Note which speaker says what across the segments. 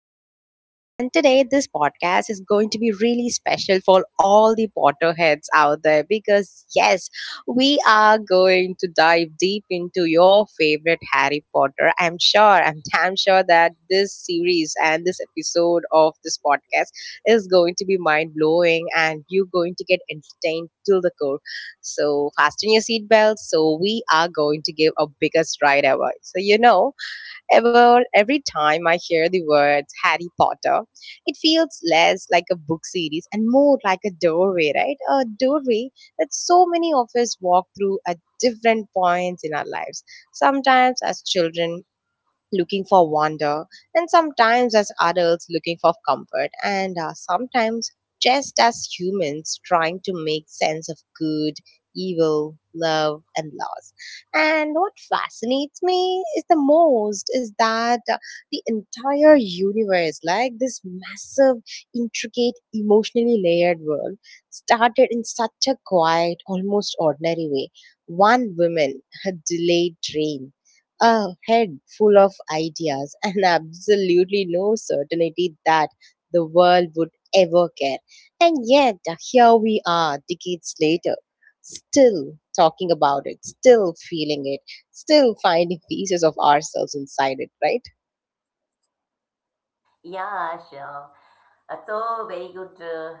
Speaker 1: our podcast. And today, this podcast is going to be really special for all the Potterheads out there because, yes, we are going to dive deep into your favorite Harry Potter. I'm sure, I'm damn sure that this series and this episode of this podcast is going to be mind blowing and you're going to get entertained till the core. So, fasten your seatbelts. So, we are going to give a biggest ride ever. So, you know, Every time I hear the words Harry Potter, it feels less like a book series and more like a doorway, right? A doorway that so many of us walk through at different points in our lives. Sometimes as children, looking for wonder, and sometimes as adults looking for comfort, and sometimes just as humans trying to make sense of good, evil, love, and loss. And what fascinates me is the most is that the entire universe, like this massive, intricate, emotionally layered world, started in such a quiet, almost ordinary way. One woman, her delayed train, a head full of ideas and absolutely no certainty that the world would ever care. And yet, here we are, decades later, still talking about it, still feeling it, still finding pieces of ourselves inside it, right?
Speaker 2: Yeah, sure. So very good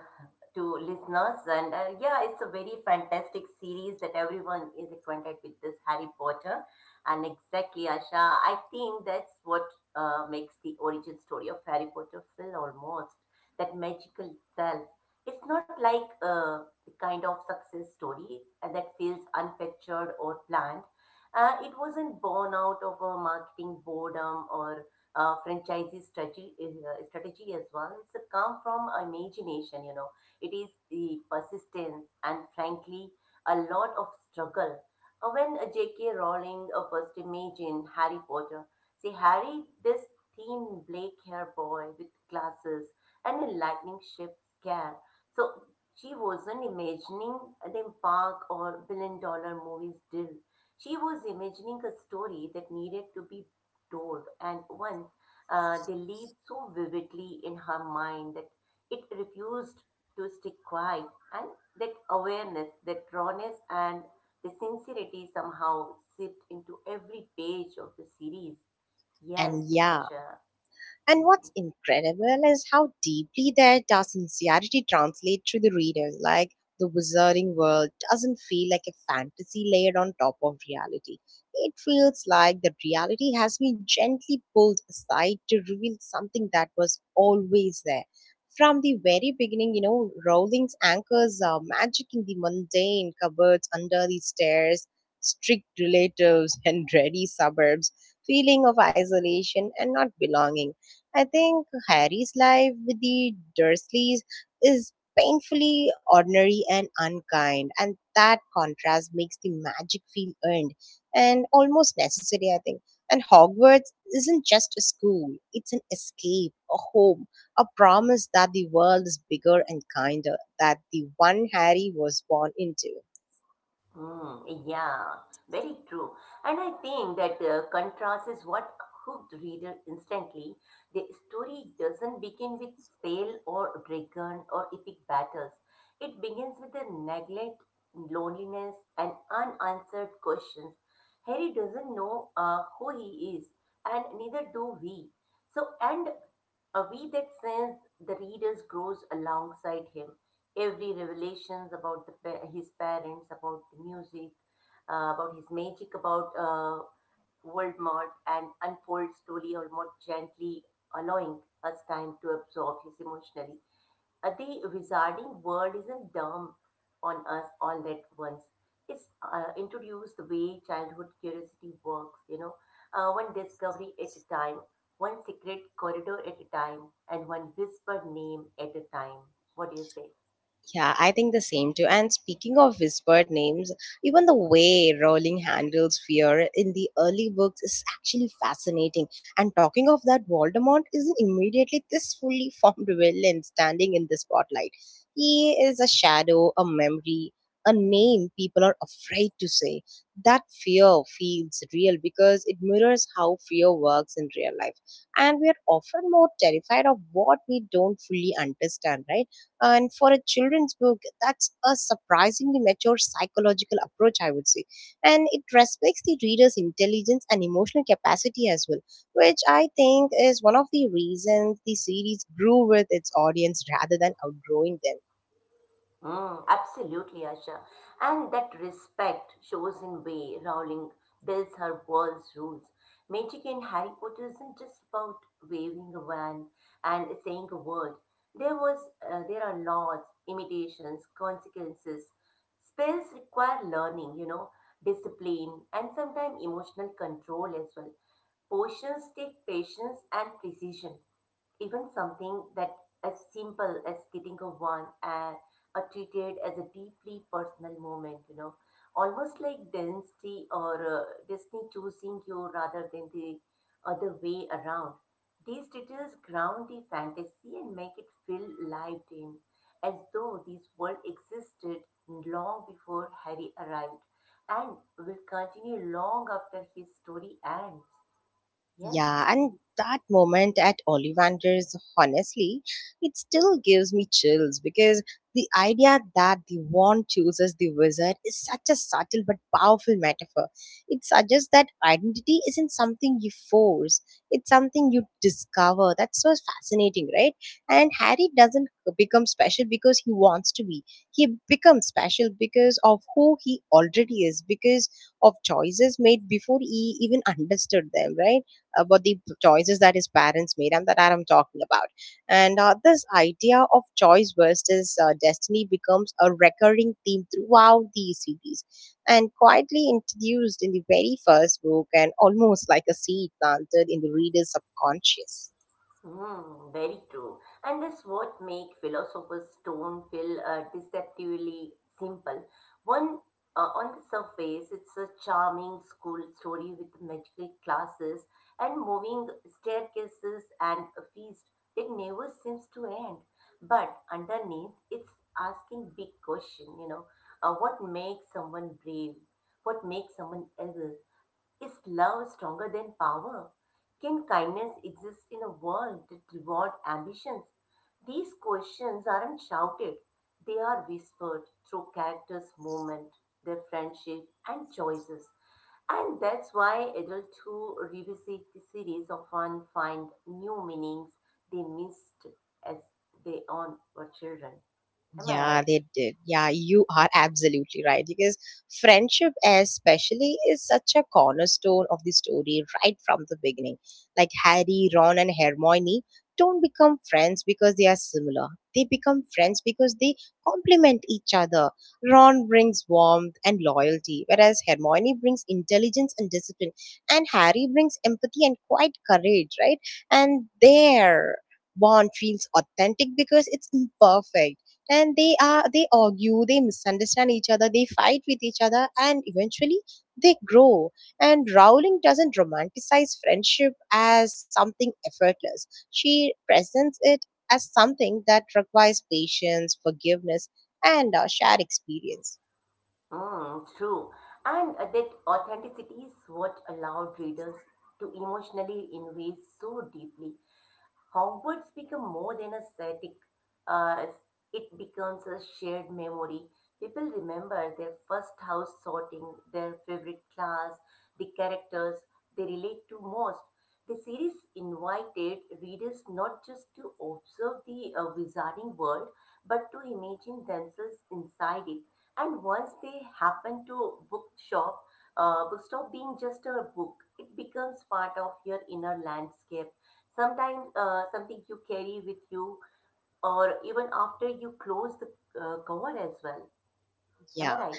Speaker 2: to listeners, and yeah, it's a very fantastic series that everyone is acquainted with this Harry Potter. And exactly, Asha, I think that's what makes the origin story of Harry Potter feel almost that magical self. It's not like the kind of success story that feels unfactured or planned. It wasn't born out of a marketing boredom or franchisee strategy, strategy as well. It's a come from imagination, you know. It is the persistence and frankly a lot of struggle. When J.K. Rowling first imagined Harry Potter, see Harry, this thin black hair boy with glasses and a lightning shaped scare. So she wasn't imagining the park or billion dollar movies deal. She was imagining a story that needed to be doors, and once they lived so vividly in her mind that it refused to stay quiet, and that awareness, that rawness, and the sincerity somehow seeped into every page of the series. Yes,
Speaker 1: And yeah.
Speaker 2: Asha.
Speaker 1: And
Speaker 2: Mhm.
Speaker 1: what's incredible is how deeply their sincerity translates to the readers. Like the wizarding world doesn't feel like a fantasy layered on top of reality. It feels like the reality has been gently pulled aside to reveal something that was always there. From the very beginning, you know, Rowling's anchors are magic in the mundane cupboards under the stairs, strict relatives, and dreary suburbs, feeling of isolation and not belonging. I think Harry's life with the Dursleys is painfully ordinary and unkind, and that contrast makes the magic feel earned and almost necessary, I think. And Hogwarts isn't just a school, it's an escape, a home, a promise that the world is bigger and kinder that the one Harry was born into.
Speaker 2: Mm, yeah, very true. And I think that contrast is what hooked reader instantly. The story doesn't begin with spell or dragon or epic battles. It begins with the neglect, loneliness, and unanswered questions. Harry doesn't know who he is, and neither do we. So, and we that sense the readers grows alongside him every revelations about the, his parents, about the music, about his magic, about world mart, and unfolds slowly, almost gently, allowing us time to absorb his emotionally. The wizarding world isn't dumb on us all at once. It's introduced the way childhood curiosity works, you know, one discovery at a time, one secret corridor at a time, and one whispered name at a time. What do you say?
Speaker 1: Yeah, I think the same too. And speaking of whispered names, even the way Rowling handles fear in the early books is actually fascinating. And talking of that, Voldemort isn't immediately this fully formed villain standing in the spotlight. He is a shadow, a memory, a name people are afraid to say. That fear feels real because it mirrors how fear works in real life. And we are often more terrified of what we don't fully understand, right? And for a children's book, that's a surprisingly mature psychological approach, I would say. And it respects the reader's intelligence and emotional capacity as well, which I think is one of the reasons the series grew with its audience rather than outgrowing them.
Speaker 2: Mm, absolutely, Asha. And that respect shows in way Rowling builds her world's rules. Magic in Harry Potter isn't just about waving a wand and saying a word. There was, there are laws, imitations, consequences. Spells require learning, you know, discipline, and sometimes emotional control as well. Potions take patience and precision. Even something that as simple as getting a wine and are treated as a deeply personal moment, you know, almost like Disney choosing you rather than the other way around. These details ground the fantasy and make it feel lived in, as though this world existed long before Harry arrived and will continue long after his story ends. Yes.
Speaker 1: Yeah, and that moment at Ollivander's, honestly, it still gives me chills because the idea that the wand chooses the wizard is such a subtle but powerful metaphor. It suggests that identity isn't something you force, it's something you discover. That's so fascinating, right? And Harry doesn't become special because he wants to be. He becomes special because of who he already is, because of choices made before he even understood them, right? About the choices that his parents made and that I'm talking about, and this idea of choice versus destiny becomes a recurring theme throughout the series, and quietly introduced in the very first book and almost like a seed planted in the reader's subconscious.
Speaker 2: Hmm, very true. And that's what make Philosopher's Stone feel deceptively simple. One, on the surface, it's a charming school story with magical classes and moving staircases and a feast that never seems to end. But underneath, it's asking big question, you know, what makes someone brave? What makes someone else? Is love stronger than power? Can kindness exist in a world that rewards ambitions? These questions aren't shouted, they are whispered through characters' movement, their friendship, and choices. And that's why adults who revisit the series often find new meanings they missed as they on were children. Am I
Speaker 1: Yeah,
Speaker 2: right?
Speaker 1: they did. Yeah, you are absolutely right because friendship, especially, is such a cornerstone of the story right from the beginning. Like Harry, Ron, and Hermione don't become friends because they are similar. They become friends because they complement each other. Ron brings warmth and loyalty, whereas Hermione brings intelligence and discipline, and Harry brings empathy and quite courage, right? And their bond feels authentic because it's imperfect, and they argue, they misunderstand each other, they fight with each other, and eventually they grow. And Rowling doesn't romanticize friendship as something effortless. She presents it as something that requires patience, forgiveness, and a shared experience.
Speaker 2: Mm, true. And that authenticity is what allowed readers to emotionally invest so deeply. Hogwarts become more than a static, uh, it becomes a shared memory. People remember their first house sorting, their favorite class, the characters they relate to most. The series invited readers not just to observe the wizarding world, but to imagine themselves inside it. And once they happen to bookshop, bookstop being just a book, it becomes part of your inner landscape sometimes something you carry with you or even after you close the cover as well. Am I
Speaker 1: Yeah.
Speaker 2: right?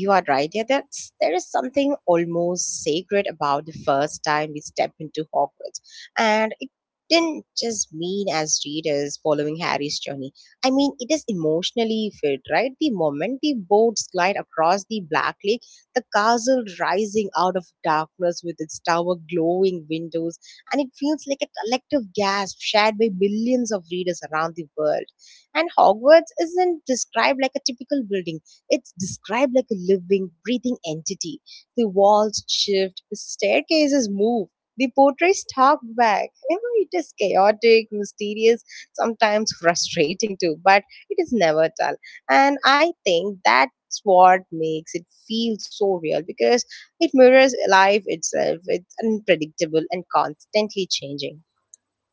Speaker 1: You are right. Yeah, that's there is something almost sacred about the first time we step into Hogwarts, and it didn't just mean as readers following Harry's journey. I mean, it is emotionally filled, right? The moment the boats glide across the Black Lake, the castle rising out of darkness with its tower glowing windows, and it feels like a collective gasp shared by millions of readers around the world. And Hogwarts isn't described like a typical building, it's described like a living, breathing entity. The walls shift, the staircases move, the portraits talk back. You know, it is chaotic, mysterious, sometimes frustrating too, but it is never dull. And I think that's what makes it feel so real because it mirrors life itself. It's unpredictable and constantly changing.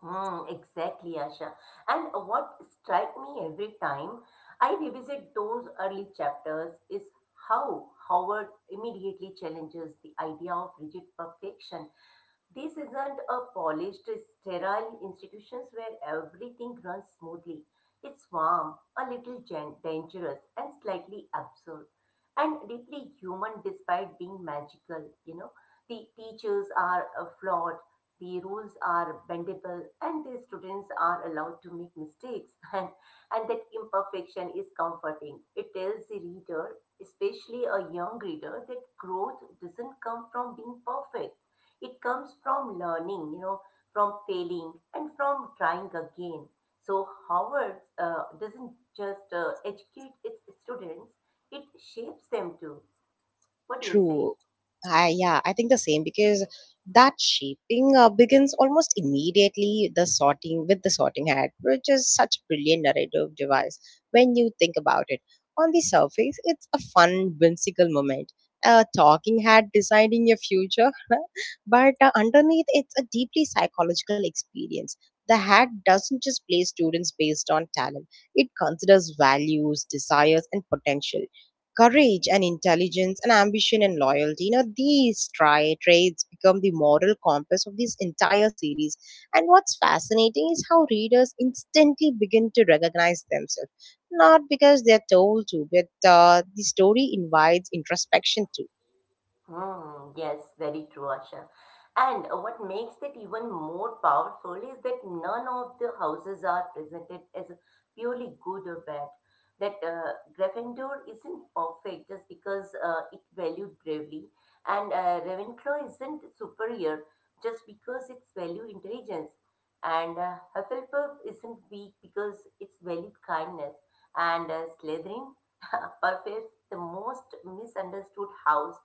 Speaker 2: Hmm, exactly, Asha. And what strike me every time I revisit those early chapters is how howard immediately challenges the idea of rigid perfection. This isn't a polished, sterile institutions where everything runs smoothly. It's warm, a little dangerous, and slightly absurd, and deeply human despite being magical. You know, the teachers are flawed, the rules are bendable, and the students are allowed to make mistakes. And that imperfection is comforting. It tells the reader, especially a young reader, that growth doesn't come from being perfect. It comes from learning, you know, from failing and from trying again. So Howard doesn't just educate its students, it shapes them too. What do you say?
Speaker 1: True. I, yeah, I think the same because that shaping begins almost immediately the sorting with the sorting hat, which is such a brilliant narrative device when you think about it. On the surface, it's a fun, whimsical moment, a talking hat deciding your future, but underneath, it's a deeply psychological experience. The hat doesn't just place students based on talent; it considers values, desires, and potential courage and intelligence and ambition and loyalty. You know, these traits become the moral compass of this entire series. And what's fascinating is how readers instantly begin to recognize themselves, not because they're told to, but the story invites introspection too.
Speaker 2: Hmm, yes, very true, Asha. And what makes it even more powerful is that none of the houses are presented as purely good or bad. That Gryffindor isn't perfect just because it valued bravery, and Ravenclaw isn't superior just because it's valued intelligence, and Hufflepuff isn't weak because it's valued kindness, and Slytherin, perhaps the most misunderstood house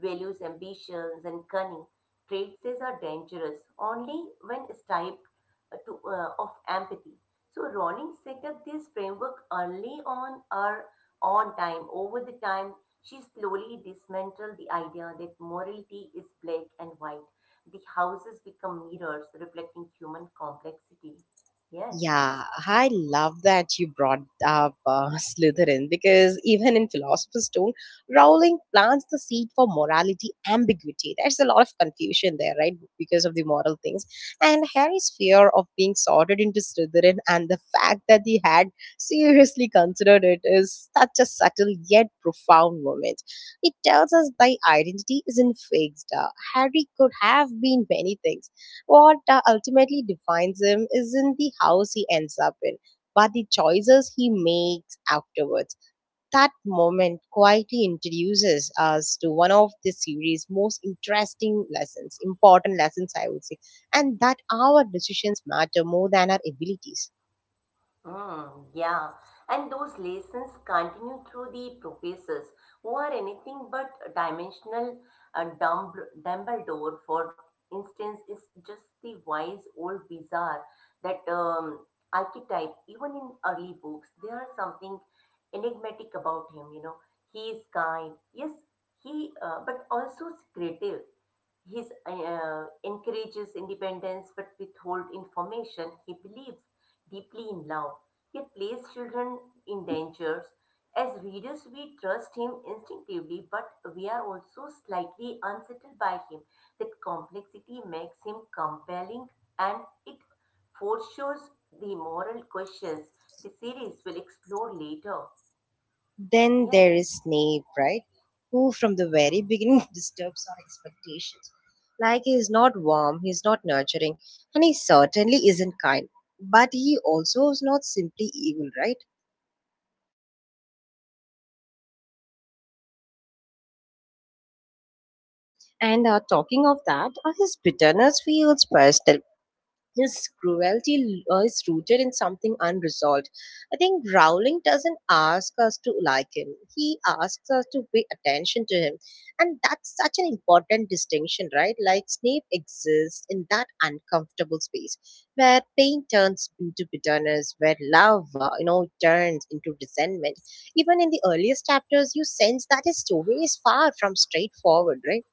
Speaker 2: values ambitions and cunning. Traits are dangerous only when stripped of empathy. So Rawlings set up this framework early on or on time. Over the time, she slowly dismantled the idea that morality is black and white. The houses become mirrors reflecting human complexity. Yes.
Speaker 1: Yeah, I love that you brought up Slytherin because even in Philosopher's Stone, Rowling plants the seed for morality ambiguity. There's a lot of confusion there, right? Because of the moral things. And Harry's fear of being sorted into Slytherin and the fact that he had seriously considered it is such a subtle yet profound moment. It tells us thy identity isn't fixed. Harry could have been many things. What ultimately defines him isn't the house he ends up in, but the choices he makes afterwards. That moment quietly introduces us to one of the series' most interesting lessons, important lessons, I would say, and that our decisions matter more than our abilities.
Speaker 2: Mm, yeah, and those lessons continue through the professors who are anything but dimensional. Uh, Dumb- Dumbledore, for instance, is just the wise old wizard that archetype. Even in early books, there are something enigmatic about him. You know, he is kind, yes, he, but also secretive. He encourages independence but withhold information. He believes deeply in love. Yet places children in dangers. As readers, we trust him instinctively, but we are also slightly unsettled by him. That complexity makes him compelling and it foreshadows the moral questions the series will explore later.
Speaker 1: Then
Speaker 2: Yes.
Speaker 1: there is Snape, right? Who from the
Speaker 2: Hmm.
Speaker 1: very beginning disturbs our expectations. Like he is not warm, he is not nurturing, and he certainly isn't kind. But he also is not simply evil, right? And talking of that, his bitterness feels personal. His cruelty is rooted in something unresolved. I think Rowling doesn't ask us to like him, he asks us to pay attention to him. And that's such an important distinction, right? Like Snape exists in that uncomfortable space where pain turns into bitterness, where love, turns into resentment. Even in the earliest chapters, you sense that his story is far from straightforward, right?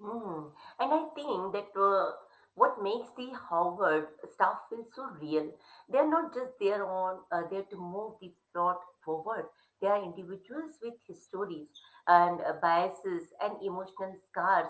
Speaker 2: Mm. And I think that what makes the Howard staff feel so real, they're not just there to move the plot forward. They are individuals with histories and biases and emotional scars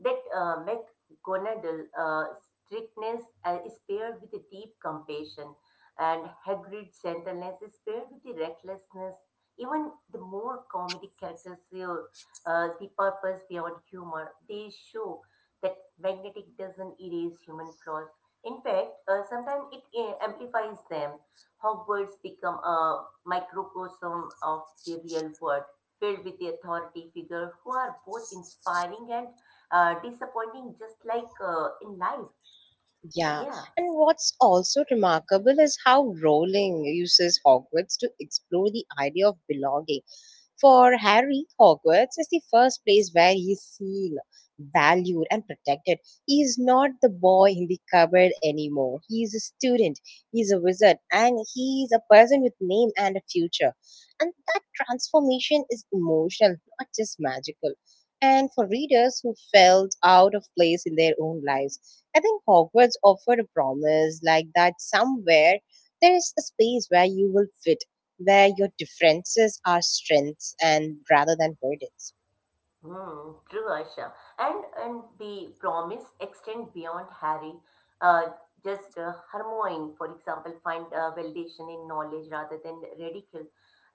Speaker 2: that McGonagall strictness is paired with a deep compassion, and Hagrid's gentleness is paired with the recklessness. Even the more comedic characters here the purpose beyond humor. They show that magnetic doesn't erase human flaws. In fact, sometimes it amplifies them. Hogwarts become a microcosm of the real world, filled with the authority figure who are both inspiring and disappointing, just like in life.
Speaker 1: Yeah,
Speaker 2: Yeah.
Speaker 1: and what's also remarkable is how Rowling uses Hogwarts to explore the idea of belonging. For Harry, Hogwarts is the first place where he is seen, valued, and protected. He is not the boy in the cupboard anymore. He is a student, he is a wizard, and he is a person with name and a future. And that transformation is emotional, not just magical. And for readers who felt out of place in their own lives, I think Hogwarts offered a promise like that somewhere there is a space where you will fit, where your differences are strengths and rather than burdens.
Speaker 2: Hmm, true, Aisha. And the promise extend beyond Harry. Uh, just Hermione, for example, find validation in knowledge rather than ridicule.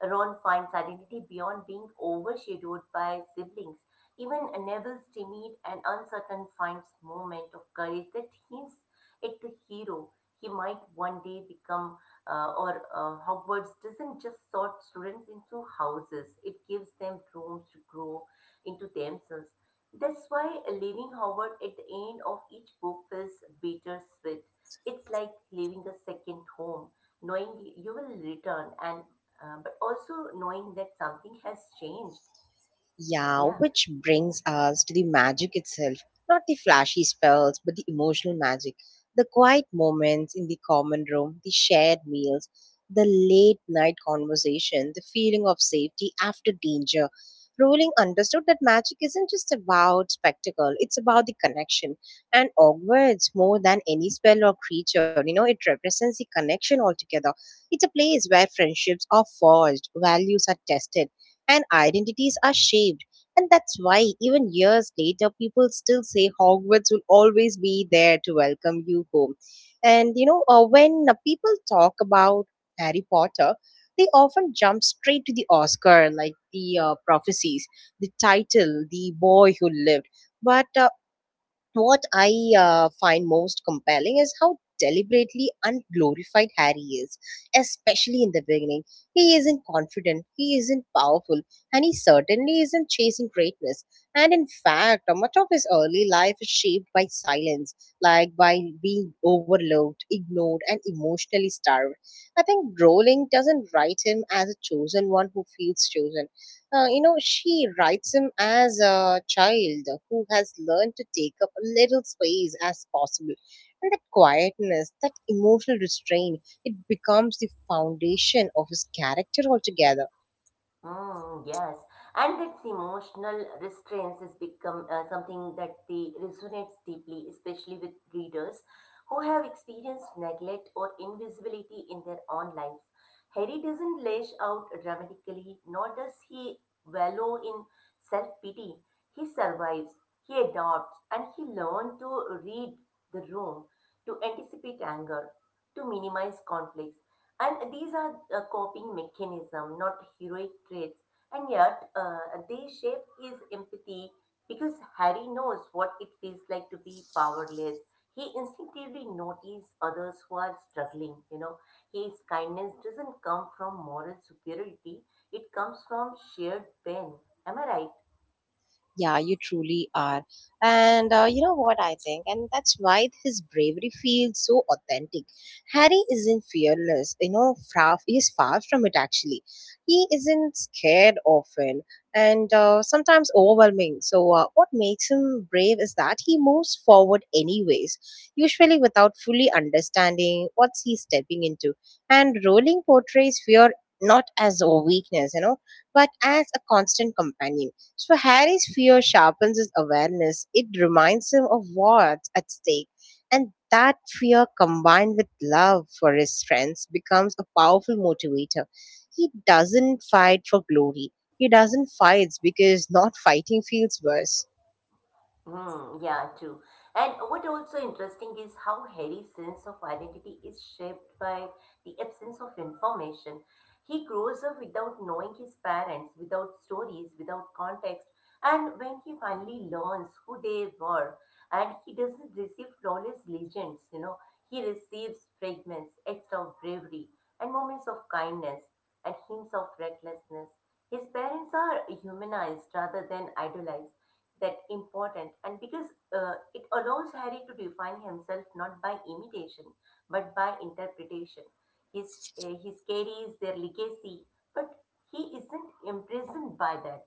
Speaker 2: Ron finds identity beyond being overshadowed by siblings. Even Neville's timid and uncertain finds moment of courage that hints at the hero he might one day become. Or Hogwarts doesn't just sort students into houses; it gives them rooms to grow into themselves. That's why leaving Howard at the end of each book feels bittersweet. It's like leaving a second home, knowing you will return, and but also knowing that something has changed.
Speaker 1: Yeah,
Speaker 2: Yeah.
Speaker 1: which brings us to the magic itself. Not the flashy spells, but the emotional magic. The quiet moments in the common room, the shared meals, the late night conversation, the feeling of safety after danger. Rowling understood that magic isn't just about spectacle, it's about the connection. And Hogwarts, more than any spell or creature, you know, it represents the connection altogether. It's a place where friendships are forged, values are tested, and identities are shaped. And that's why, even years later, people still say Hogwarts will always be there to welcome you home. And you know, when people talk about Harry Potter, they often jump straight to the Oscar, like the prophecies, the title, the boy who lived. But what I find most compelling is how deliberately unglorified Harry is, especially in the beginning. He isn't confident, he isn't powerful, and he certainly isn't chasing greatness. And in fact, much of his early life is shaped by silence, like by being overlooked, ignored, and emotionally starved. I think Rowling doesn't write him as a chosen one who feels chosen. You know, she writes him as a child who has learned to take up a little space as possible. And that quietness, that emotional restraint, it becomes the foundation of his character altogether.
Speaker 2: Mm, yes, and its emotional restraints has become something that the resonates deeply, especially with readers who have experienced neglect or invisibility in their own lives. Harry doesn't lash out dramatically, nor does he wallow in self-pity. He survives, he adopts, and he learns to read the room, to anticipate anger, to minimize conflicts. And these are coping mechanism, not heroic traits. And yet, they shape his empathy because Harry knows what it feels like to be powerless. He instinctively notices others who are struggling. You know, his kindness doesn't come from moral superiority; it comes from shared pain. Am I right?
Speaker 1: Yeah, you truly are. And you know what I think? And that's why his bravery feels so authentic. Harry isn't fearless, you know, he's far from it actually. He isn't scared often and sometimes overwhelming. So what makes him brave is that he moves forward anyways, usually without fully understanding what he's stepping into. And Rowling portrays fear not as a weakness, you know, but as a constant companion, so Harry's fear sharpens his awareness. It reminds him of what's at stake. And that fear combined with love for his friends becomes a powerful motivator. He doesn't fight for glory. He doesn't fight because not fighting feels worse.
Speaker 2: Hmm, yeah, true. And what also interesting is how Harry's sense of identity is shaped by the absence of information. He grows up without knowing his parents, without stories, without context. And when he finally learns who they were, and he doesn't receive flawless legends, you know, he receives fragments, acts of bravery, and moments of kindness, and hints of recklessness. His parents are humanized rather than idolized that important and because it allows harry to define himself not by imitation but by interpretation his his carries their legacy but he isn't imprisoned by that.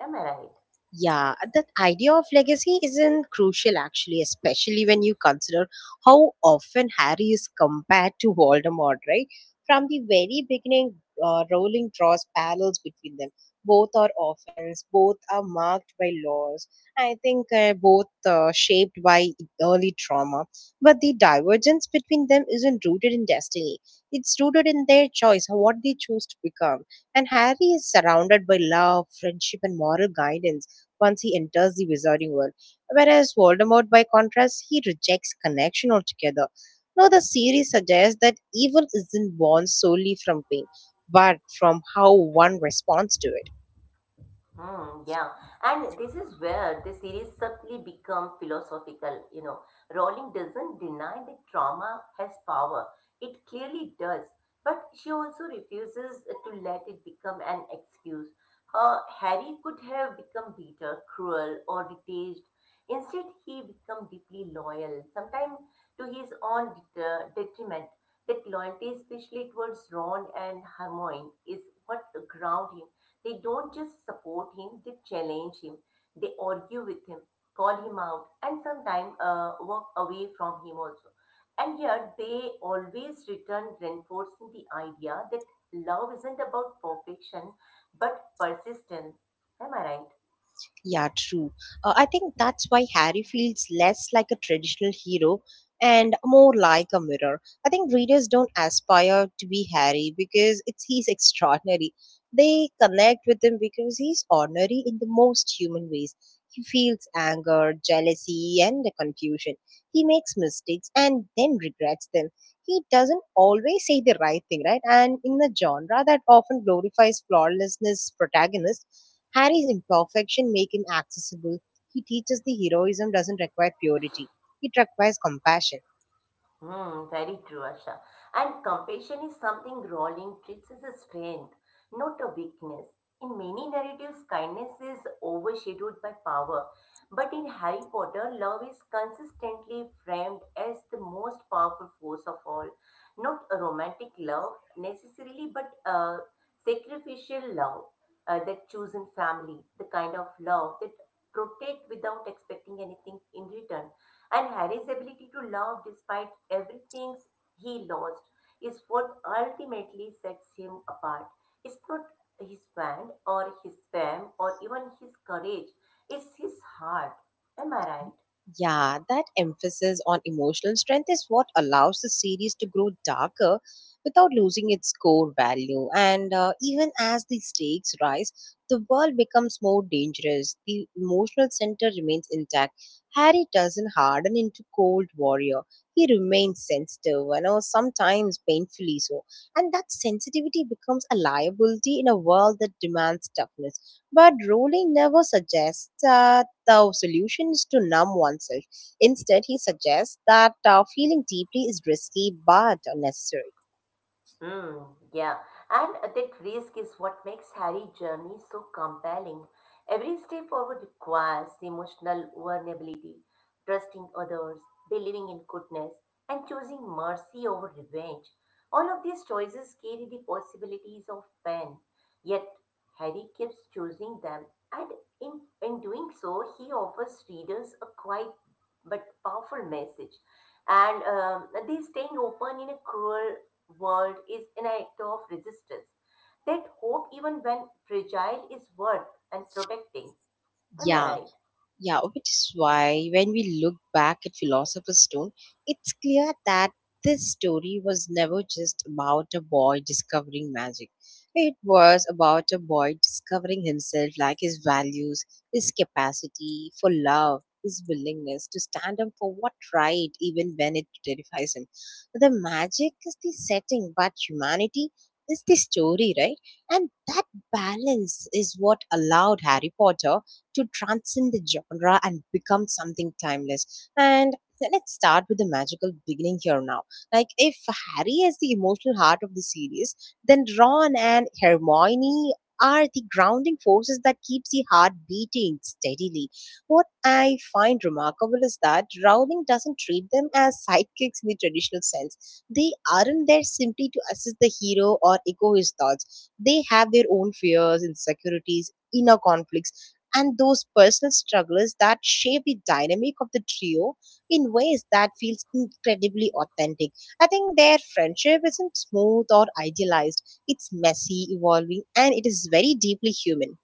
Speaker 2: Am I right?
Speaker 1: Yeah, that idea of legacy isn't crucial actually, especially when you consider how often Harry is compared to Voldemort, right? From the very beginning, Rowling draws parallels between them. Both are orphans, both are marked by laws. I think both shaped by early trauma. But the divergence between them isn't rooted in destiny, it's rooted in their choice, what they choose to become. And Harry is surrounded by love, friendship, and moral guidance once he enters the wizarding world. Whereas Voldemort, by contrast, he rejects connection altogether. Now, the series suggests that evil isn't born solely from pain, but from how one responds to it.
Speaker 2: Hmm, yeah, and this is where the series subtly become philosophical. You know, Rowling doesn't deny that trauma has power. It clearly does, but she also refuses to let it become an excuse. Harry could have become bitter, cruel, or detached. Instead, he became deeply loyal, sometimes to his own detriment. That loyalty, especially towards Ron and Hermione, is what ground him. They don't just support him, they challenge him, they argue with him, call him out, and sometimes walk away from him also. And yet, they always return reinforcing the idea that love isn't about perfection but persistence. Am I right?
Speaker 1: Yeah, true. I think that's why Harry feels less like a traditional hero and more like a mirror. I think readers don't aspire to be Harry because it's he's extraordinary. They connect with him because he's ordinary in the most human ways. He feels anger, jealousy, and the confusion. He makes mistakes and then regrets them. He doesn't always say the right thing, right? And in a genre that often glorifies flawlessness protagonists, Harry's imperfection make him accessible. He teaches the heroism doesn't require purity. It requires compassion.
Speaker 2: Hmm, very true, Asha. And compassion is something Rowling treats as a strength, not a weakness. In many narratives, kindness is overshadowed by power. But in Harry Potter, love is consistently framed as the most powerful force of all. Not a romantic love necessarily, but a sacrificial love, that chosen family, the kind of love that protect without expecting anything in return. And Harry's ability to love despite everything he lost is what ultimately sets him apart. It's not his band or his fame or even his courage, it's his heart. Am I right?
Speaker 1: Yeah, that emphasis on emotional strength is what allows the series to grow darker without losing its core value. And even as the stakes rise, the world becomes more dangerous. The emotional center remains intact. Harry doesn't harden into cold warrior. He remains sensitive, you know, sometimes painfully so. And that sensitivity becomes a liability in a world that demands toughness. But Rowling never suggests the solution is to numb oneself. Instead, he suggests that feeling deeply is risky but necessary.
Speaker 2: Mm, yeah, and that risk is what makes Harry's journey so compelling. Every step forward requires emotional vulnerability, trusting others, believing in goodness, and choosing mercy over revenge. All of these choices carry the possibilities of pain, yet Harry keeps choosing them, and in doing so, he offers readers a quiet but powerful message. And They staying open in a cruel world is an act of resistance. That hope, even when fragile, is worth and protecting. Am I
Speaker 1: Yeah.
Speaker 2: right?
Speaker 1: Yeah, which is why when we look back at Philosopher's Stone, it's clear that this story was never just about a boy discovering magic. It was about a boy discovering himself, like his values, his capacity for love, his willingness to stand up for what right, even when it terrifies him. The magic is the setting, but humanity is the story, right? And that balance is what allowed Harry Potter to transcend the genre and become something timeless. And let's start with the magical beginning here now. Like, if Harry is the emotional heart of the series, then Ron and Hermione are the grounding forces that keeps the heart beating steadily. What I find remarkable is that Rowling doesn't treat them as sidekicks in the traditional sense. They aren't there simply to assist the hero or echo his thoughts. They have their own fears, insecurities, inner conflicts, and those personal struggles that shape the dynamic of the trio in ways that feels incredibly authentic. I think their friendship isn't smooth or idealized. It's messy, evolving, and it is very deeply human.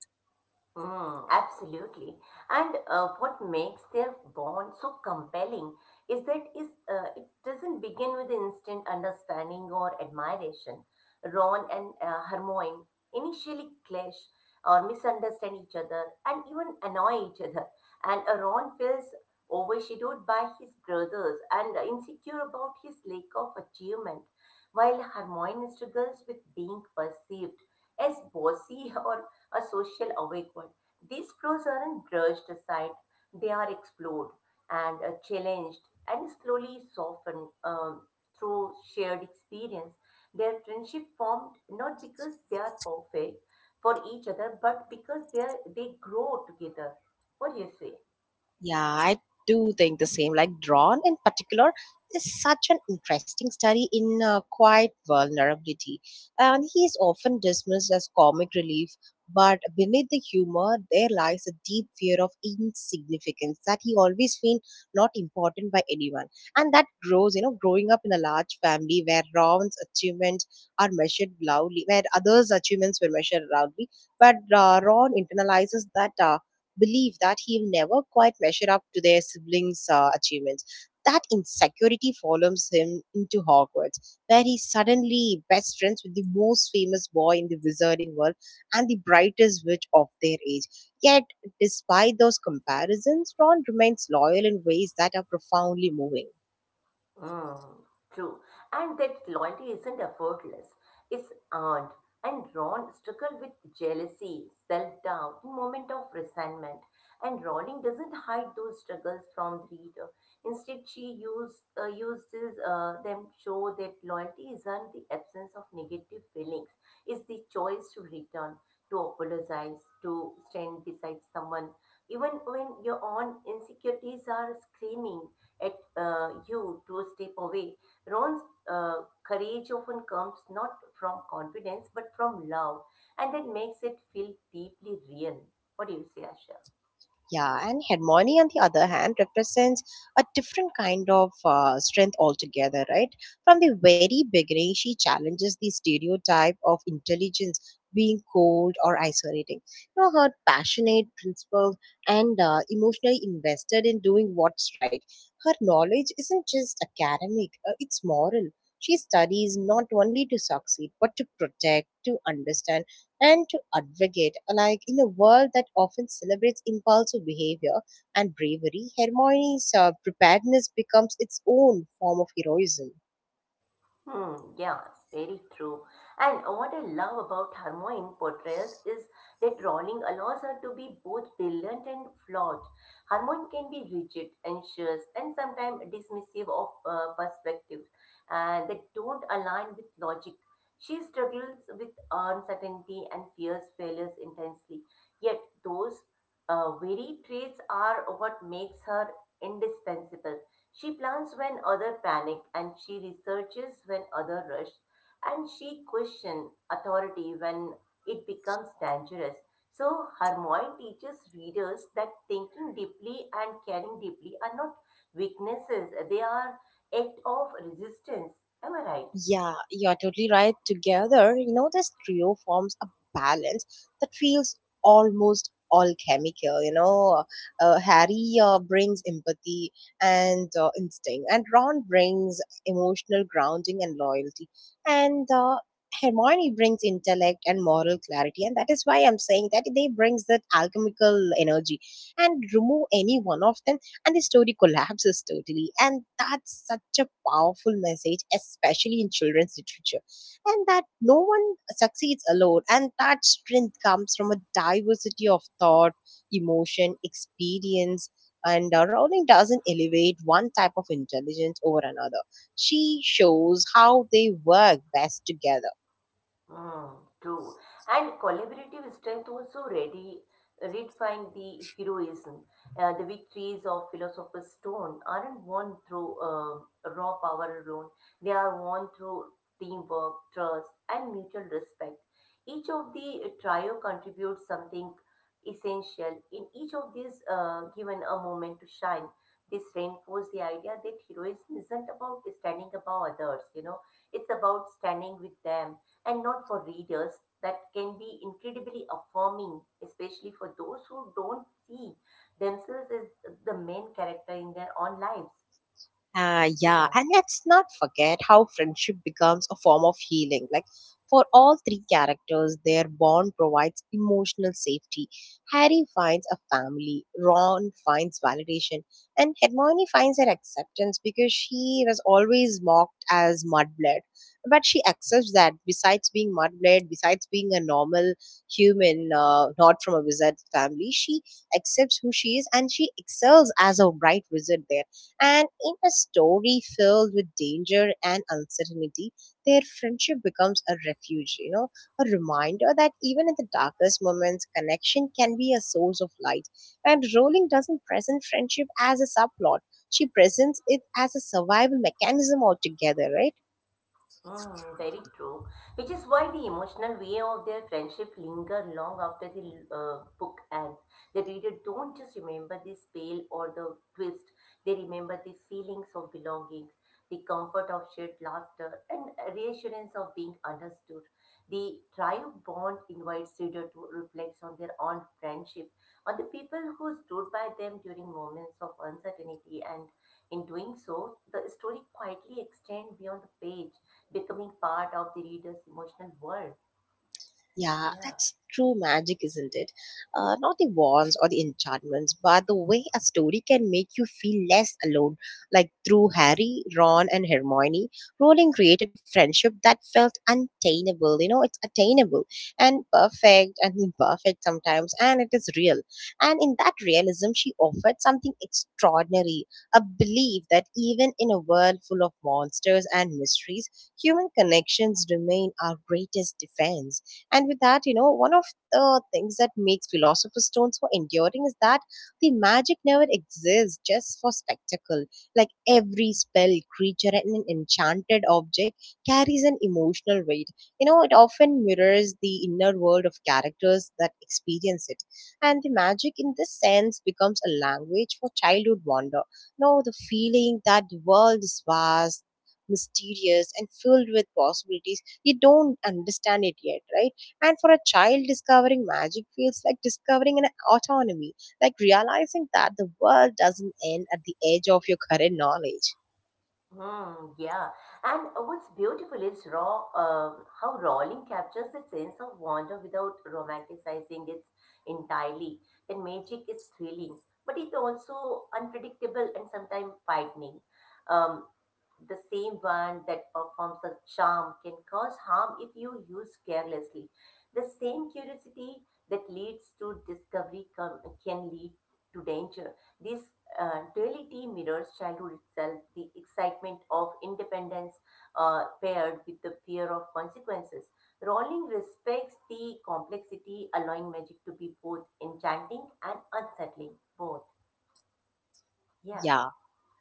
Speaker 2: Mm, absolutely. And What makes their bond so compelling is that is it doesn't begin with instant understanding or admiration. Ron and Hermione initially clash or misunderstand each other and even annoy each other. And Ron feels overshadowed by his brothers and insecure about his lack of achievement, while Hermione struggles with being perceived as bossy or a social awake one. These flows aren't brushed aside, they are explored and challenged and slowly softened through shared experience. Their friendship formed not because they are perfect for each other, but because they grow together. What do you say?
Speaker 1: Yeah, I do think the same. Like drawn in particular is such an interesting study in quiet vulnerability, and he is often dismissed as comic relief. But beneath the humor, there lies a deep fear of insignificance that he always feel not important by anyone, and that grows. You know, growing up in a large family where Ron's achievements are measured loudly, where others' achievements were measured loudly, but Ron internalizes that. Believe that he'll never quite measure up to their siblings' achievements. That insecurity follows him into Hogwarts, where he's suddenly best friends with the most famous boy in the wizarding world and the brightest witch of their age. Yet, despite those comparisons, Ron remains loyal in ways that are profoundly moving.
Speaker 2: Mm, true. And that loyalty isn't effortless, it's earned. And Ron struggled with jealousy, self doubt, and moment of resentment. And Rowling doesn't hide those struggles from the reader. Instead, she uses them to show that loyalty isn't the absence of negative feelings, it's the choice to return, to apologize, to stand beside someone, even when your own insecurities are screaming at you to step away. Ron's courage often comes not from confidence but from love, and that makes it feel deeply real. What do you say, Asha?
Speaker 1: Yeah, and hegemony, on the other hand, represents a different kind of strength altogether, right? From the very beginning, she challenges the stereotype of intelligence being cold or isolating. You know, her passionate, principled, and emotionally invested in doing what's right. Her knowledge isn't just academic, it's moral. She studies not only to succeed, but to protect, to understand, and to advocate. Like in a world that often celebrates impulsive behavior and bravery, Hermione's preparedness becomes its own form of heroism.
Speaker 2: Hmm, yeah, very true. And what I love about Hermione portrayals is that Rowling allows her to be both brilliant and flawed. Hermione can be rigid, anxious, and sometimes dismissive of perspectives that don't align with logic. She struggles with uncertainty and fears failures intensely. Yet those very traits are what makes her indispensable. She plans when other panic and she researches when other rush and she questions authority when it becomes dangerous. So Hermione teaches readers that thinking deeply and caring deeply are not weaknesses, they are act of resistance. Am I right?
Speaker 1: Yeah, you're totally right. Together, you know, this trio forms a balance that feels almost alchemical. You know, Harry brings empathy and instinct, and Ron brings emotional grounding and loyalty, and Hermione brings intellect and moral clarity, and that is why I'm saying that they brings that alchemical energy. And remove any one of them and the story collapses totally. And that's such a powerful message, especially in children's literature. And that no one succeeds alone, and that strength comes from a diversity of thought, emotion, experience. And Rowling doesn't elevate one type of intelligence over another. She shows how they work best together.
Speaker 2: Mm, true. And collaborative strength also ready redefine the heroism. The victories of Philosopher's Stone aren't won through raw power alone. They are won through teamwork, trust, and mutual respect. Each of the trio contributes something essential. In each of these, given a moment to shine, this reinforces the idea that heroism isn't about standing above others. You know, it's about standing with them and not for readers that can be incredibly affirming, especially for those who don't see themselves as the main character in their own lives.
Speaker 1: Yeah,
Speaker 2: Yeah.
Speaker 1: and let's not forget how friendship becomes a form of healing. Like for all three characters, their bond provides emotional safety. Harry finds a family, Ron finds validation, and Hermione finds her acceptance because she was always mocked as mudblood. But she accepts that besides being mudblood, besides being a normal human, not from a wizard family, she accepts who she is and she excels as a bright wizard there, and in a story filled with danger and uncertainty, their friendship becomes a refuge, you know, a reminder that even in the darkest moments, connection can be a source of light. And Rowling doesn't present friendship as a subplot, she presents it as a survival mechanism altogether, right?
Speaker 2: Mm, very true. Which is why the emotional way of their friendship linger long after the book ends. The reader don't just remember the spell or the twist, they remember the feelings of belonging, the comfort of shared laughter, and reassurance of being understood. The triumph bond invites reader to reflect on their own friendship, on the people who stood by them during moments of uncertainty, and in doing so, the story quietly extends beyond the page becoming part of the reader's emotional world.
Speaker 1: Yeah,
Speaker 2: Yeah.
Speaker 1: that's true magic, isn't it? Not the wands or the enchantments, but the way a story can make you feel less alone. Like through Harry, Ron, and Hermione, Rowling created a friendship that felt untainable. You know, it's attainable and perfect and imperfect sometimes, and it is real. And in that realism, she offered something extraordinary, a belief that even in a world full of monsters and mysteries, human connections remain our greatest defense. And with that, you know, one of the things that makes Philosopher's Stone so enduring is that the magic never exists just for spectacle. Like every spell, creature, and an enchanted object carries an emotional weight. You know, it often mirrors the inner world of characters that experience it. And the magic, in this sense, becomes a language for childhood wonder. No, the feeling that the world is vast. Mysterious and filled with possibilities, you don't understand it yet, right? And for a child, discovering magic feels like discovering an autonomy, like realizing that the world doesn't end at the edge of your current knowledge.
Speaker 2: Hmm, yeah. And what's beautiful is raw, how Rowling captures the sense of wonder without romanticizing it entirely. That magic is thrilling, but it's also unpredictable and sometimes frightening. um. The same one that performs a charm can cause harm if you use carelessly. The same curiosity that leads to discovery can lead to danger. This duality mirrors childhood itself, the excitement of independence paired with the fear of consequences. Rowling respects the complexity, allowing magic to be both enchanting and unsettling. Both. Yeah.
Speaker 1: Yeah.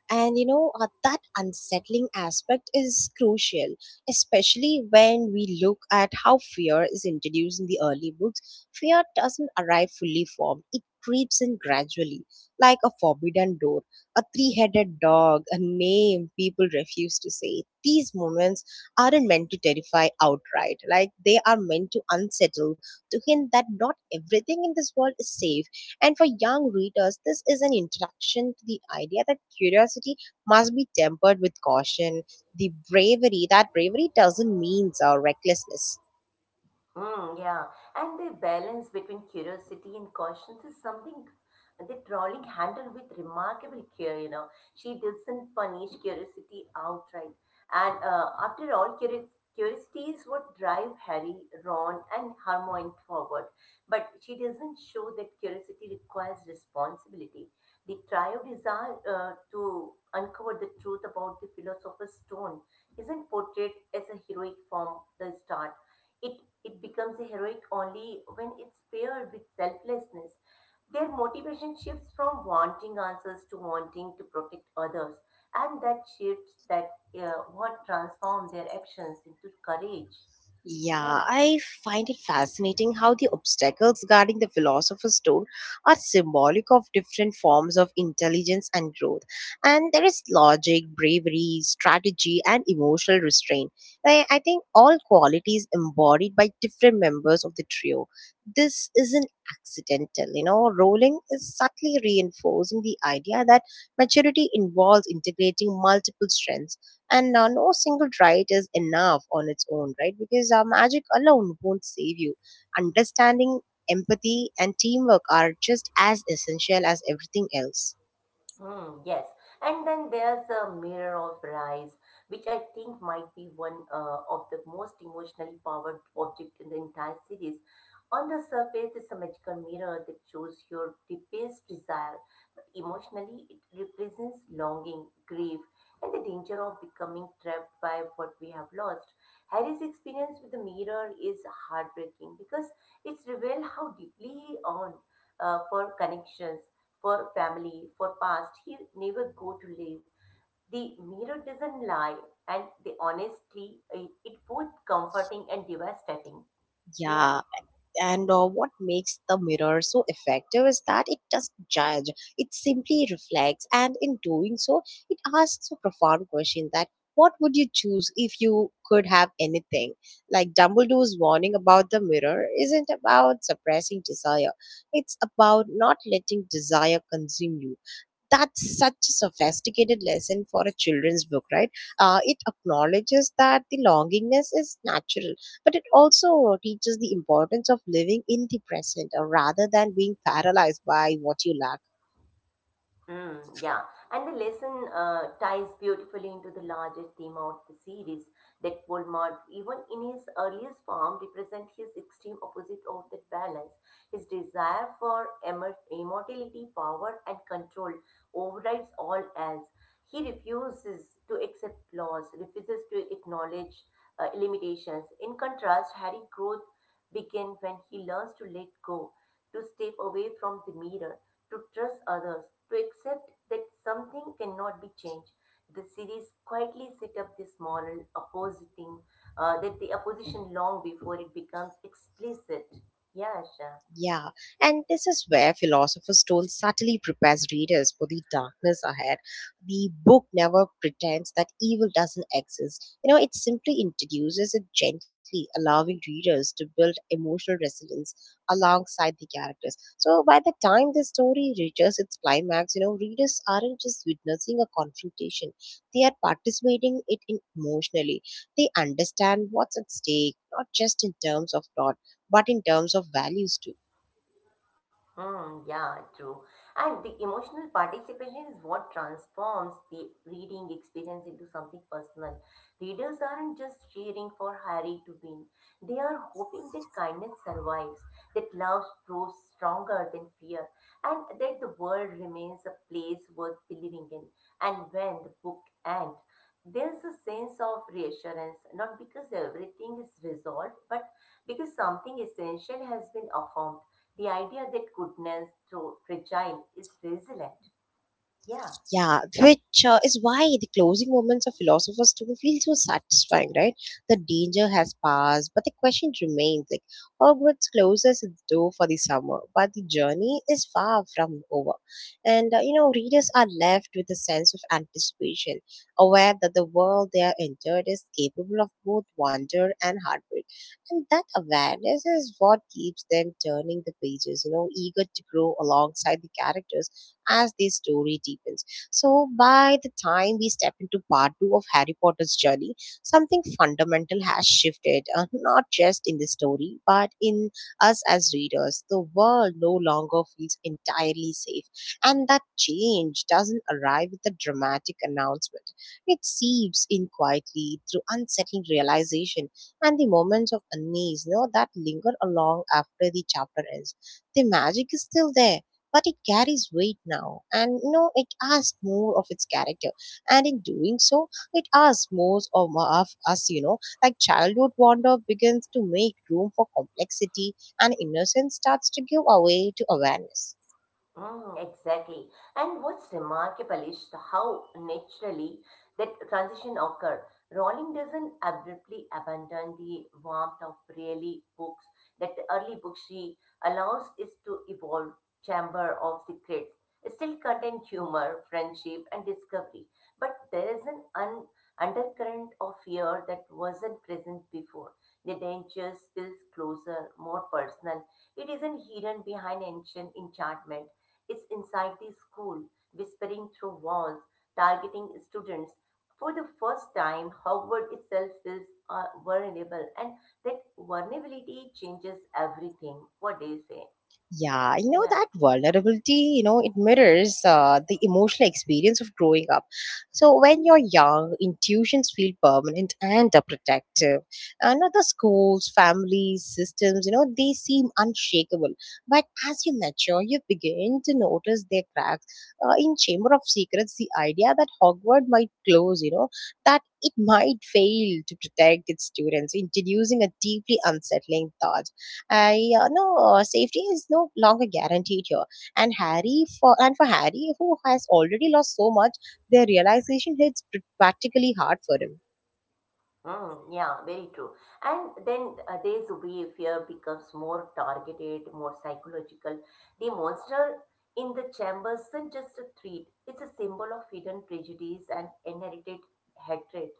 Speaker 1: And you know, that unsettling aspect is crucial, especially when we look at how fear is introduced in the early books. Fear doesn't arrive fully formed, it creeps in gradually, like a forbidden door, a three headed dog, a name people refuse to say. These moments aren't meant to terrify outright, like they are meant to unsettle, to hint that not everything in this world is safe, and for young readers, this is an introduction to the idea that curiosity must be tempered with caution. The bravery, that bravery doesn't mean recklessness.
Speaker 2: Hmm, yeah, and the balance between curiosity and caution is something that Rowling handled with remarkable care. You know, she doesn't punish curiosity outright, and after all, curiosity is what drive Harry, Ron, and Hermione forward. But she doesn't show that curiosity requires responsibility. The trio desire to uncover the truth about the philosopher's stone isn't portrayed as a heroic from the start. It, it becomes a heroic only when it's paired with selflessness. Their motivation shifts from wanting answers to wanting to protect others, and that shifts that what transform their actions into courage.
Speaker 1: Yeah,
Speaker 2: Yeah.
Speaker 1: I find it fascinating how the obstacles guarding the philosopher's stone are symbolic of different forms of intelligence and growth. And there is logic, bravery, strategy, and emotional restraint. I think all qualities embodied by different members of the trio. This isn't accidental, you know. Rowling is subtly reinforcing the idea that maturity involves integrating multiple strengths and no single right is enough on its own right, because magic alone won't save you. Understanding, empathy and teamwork are just as essential as everything else.
Speaker 2: Hmm, yes, and then there's a mirror of rise, which I think might be one of the most emotionally powered object in the entire series. On the surface, it's a magical mirror that shows your deepest desire, but emotionally, it represents longing, grief, and the danger of becoming trapped by what we have lost. Harry's experience with the mirror is heartbreaking because it's revealed how deeply he yearned for connections, for family, for past he never go to live. The mirror doesn't lie, and the honestly, it both comforting and devastating. Yeah.
Speaker 1: Yeah, and what makes the mirror so effective is that it doesn't judge, it simply reflects, and in doing so it asks a profound question, that what would you choose if you could have anything? Like Dumbledore's warning about the mirror isn't about suppressing desire, it's about not letting desire consume you. That's such a sophisticated lesson for a children's book, right? It acknowledges that the longingness is natural, but it also teaches the importance of living in the present, rather than being paralyzed by what you lack.
Speaker 2: Mm, yeah, and the lesson ties beautifully into the larger theme of the series that Voldemort, even in his earliest form, represents his extreme opposite of that balance. His desire for immortality, power, and control overrides all else. He refuses to accept flaws, refuses to acknowledge limitations. In contrast, Harry growth begins when he learns to let go, to step away from the mirror to trust others, to accept that something cannot be changed. The series quietly set up this moral oppositing that the opposition long before it becomes explicit. Yeah, Asha.
Speaker 1: Yeah, and this is where Philosopher's Stone subtly prepares readers for the darkness ahead. The book never pretends that evil doesn't exist. You know, it simply introduces it gently, allowing readers to build emotional resilience alongside the characters. So by the time the story reaches its climax, readers aren't just witnessing a confrontation. They are participating it in emotionally. They understand what's at stake, not just in terms of plot, but in terms of values too.
Speaker 2: Hmm, yeah, true. And the emotional participation is what transforms the reading experience into something personal. Readers aren't just cheering for Harry to win, they are hoping that kindness survives, that love grows stronger than fear, and that the world remains a place worth believing in. And when the book ends, there's a sense of reassurance, not because everything is resolved, but because something essential has been affirmed. The idea that goodness, though fragile, is resilient. Yeah.
Speaker 1: Yeah, which is why the closing moments of Philosopher's Stone feel so satisfying, right? The danger has passed, but the question remains. Like Hogwarts closes its door for the summer, but the journey is far from over. Readers are left with a sense of anticipation, aware that the world they are entered is capable of both wonder and heartbreak. And that awareness is what keeps them turning the pages, eager to grow alongside the characters as the story deepens. So by the time we step into part two of Harry Potter's journey, something fundamental has shifted, not just in the story, but in us as readers. The world no longer feels entirely safe, and that change doesn't arrive with a dramatic announcement. It seeps in quietly through unsettling realization and the moments of unease that linger along after the chapter ends. The magic is still there, but it carries weight now, and it asks more of its character, and in doing so it asks more of, us. Like childhood wonder begins to make room for complexity, and innocence starts to give away to awareness.
Speaker 2: Mm, exactly. And what's remarkable is how naturally that transition occur. Rowling doesn't abruptly abandon the warmth of early books. That the early book she allows is to evolve Chamber of Secrets. It still contain humor, friendship, and discovery. But there is undercurrent of fear that wasn't present before. The danger feels closer, more personal. It isn't hidden behind ancient enchantment is inside the school, whispering through walls, targeting students. For the first time, Hogwarts itself feels vulnerable, and that vulnerability changes everything. What do you say?
Speaker 1: Yeah, you know
Speaker 2: Yeah.
Speaker 1: that vulnerability, it mirrors the emotional experience of growing up. So when you're young, intuitions feel permanent and protective. And other schools, families, systems, they seem unshakable. But as you mature, you begin to notice their cracks. In Chamber of Secrets, the idea that Hogwarts might close, that it might fail to protect its students, introducing a deeply unsettling thought. I no Safety is no longer guaranteed here. And Harry for and for Harry, who has already lost so much, their realization hits practically hard for him.
Speaker 2: Mm, yeah, very true. And then there's behavior becomes more targeted, more psychological. The monster in the chamber isn't just a threat, it's a symbol of hidden prejudice and inherited hatred.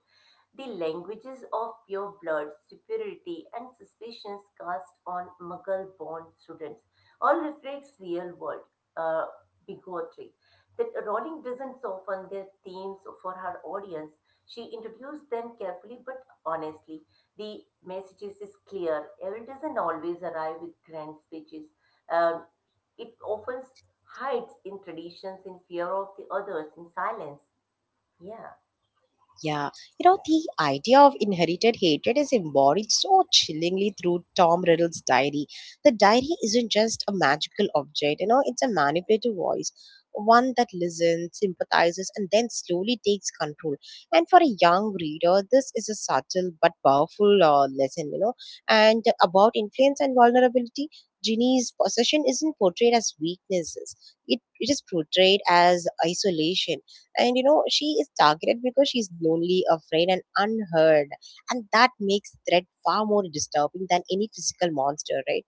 Speaker 2: The languages of pure blood, superiority, and suspicions cast on Mughal born students all reflects real world uh, bigotry. That Rowling doesn't soften their themes for her audience. She introduced them carefully but honestly. The messages is clear. Evil doesn't always arrive with grand speeches. Um, it often hides in traditions, in fear of the others, in silence. Yeah.
Speaker 1: Yeah, the idea of inherited hatred is embodied so chillingly through Tom Riddle's diary. The diary isn't just a magical object, it's a manipulative voice, one that listens, sympathizes, and then slowly takes control. And for a young reader, this is a subtle but powerful lesson. And about influence and vulnerability, Ginny's possession isn't portrayed as weaknesses, it is portrayed as isolation, and she is targeted because she's lonely, afraid, and unheard. And that makes threat far more disturbing than any physical monster, right?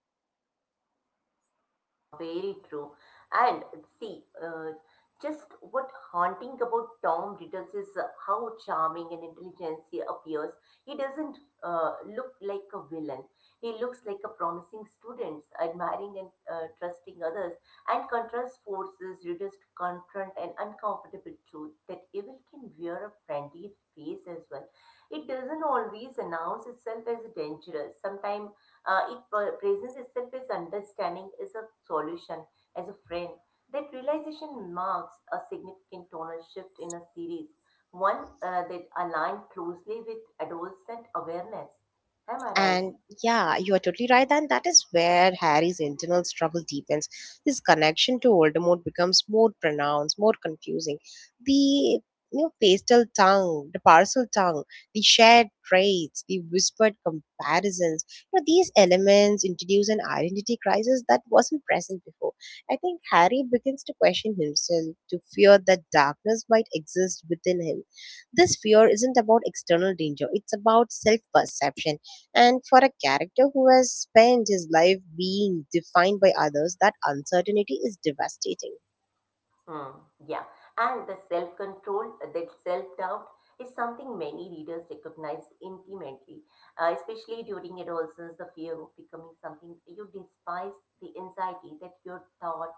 Speaker 2: Very true. And see, just what haunting about Tom Riddles is how charming and intelligent he appears. He doesn't look like a villain. He looks like a promising student, admiring and trusting others, and contrast forces Riddles to confront an uncomfortable truth that evil can wear a friendly face as well. It doesn't always announce itself as dangerous. Sometimes it presents itself as understanding as a solution as a friend that realization marks a significant tonal shift in a series one that aligned closely with adolescent awareness, am I right?
Speaker 1: And yeah, you are totally right. And that is where Harry's internal struggle deepens. His connection to Voldemort becomes more pronounced, more confusing. The you know, pastel tongue, the parcel tongue, the shared traits, the whispered comparisons. These elements introduce an identity crisis that wasn't present before. I think Harry begins to question himself, to fear that darkness might exist within him. This fear isn't about external danger; it's about self-perception, and for a character who has spent his life being defined by others, that uncertainty is devastating.
Speaker 2: Mm, yeah, and the self control, that self doubt is something many readers recognize intimately, especially during adolescence, the fear of becoming something you despise, the anxiety that your thought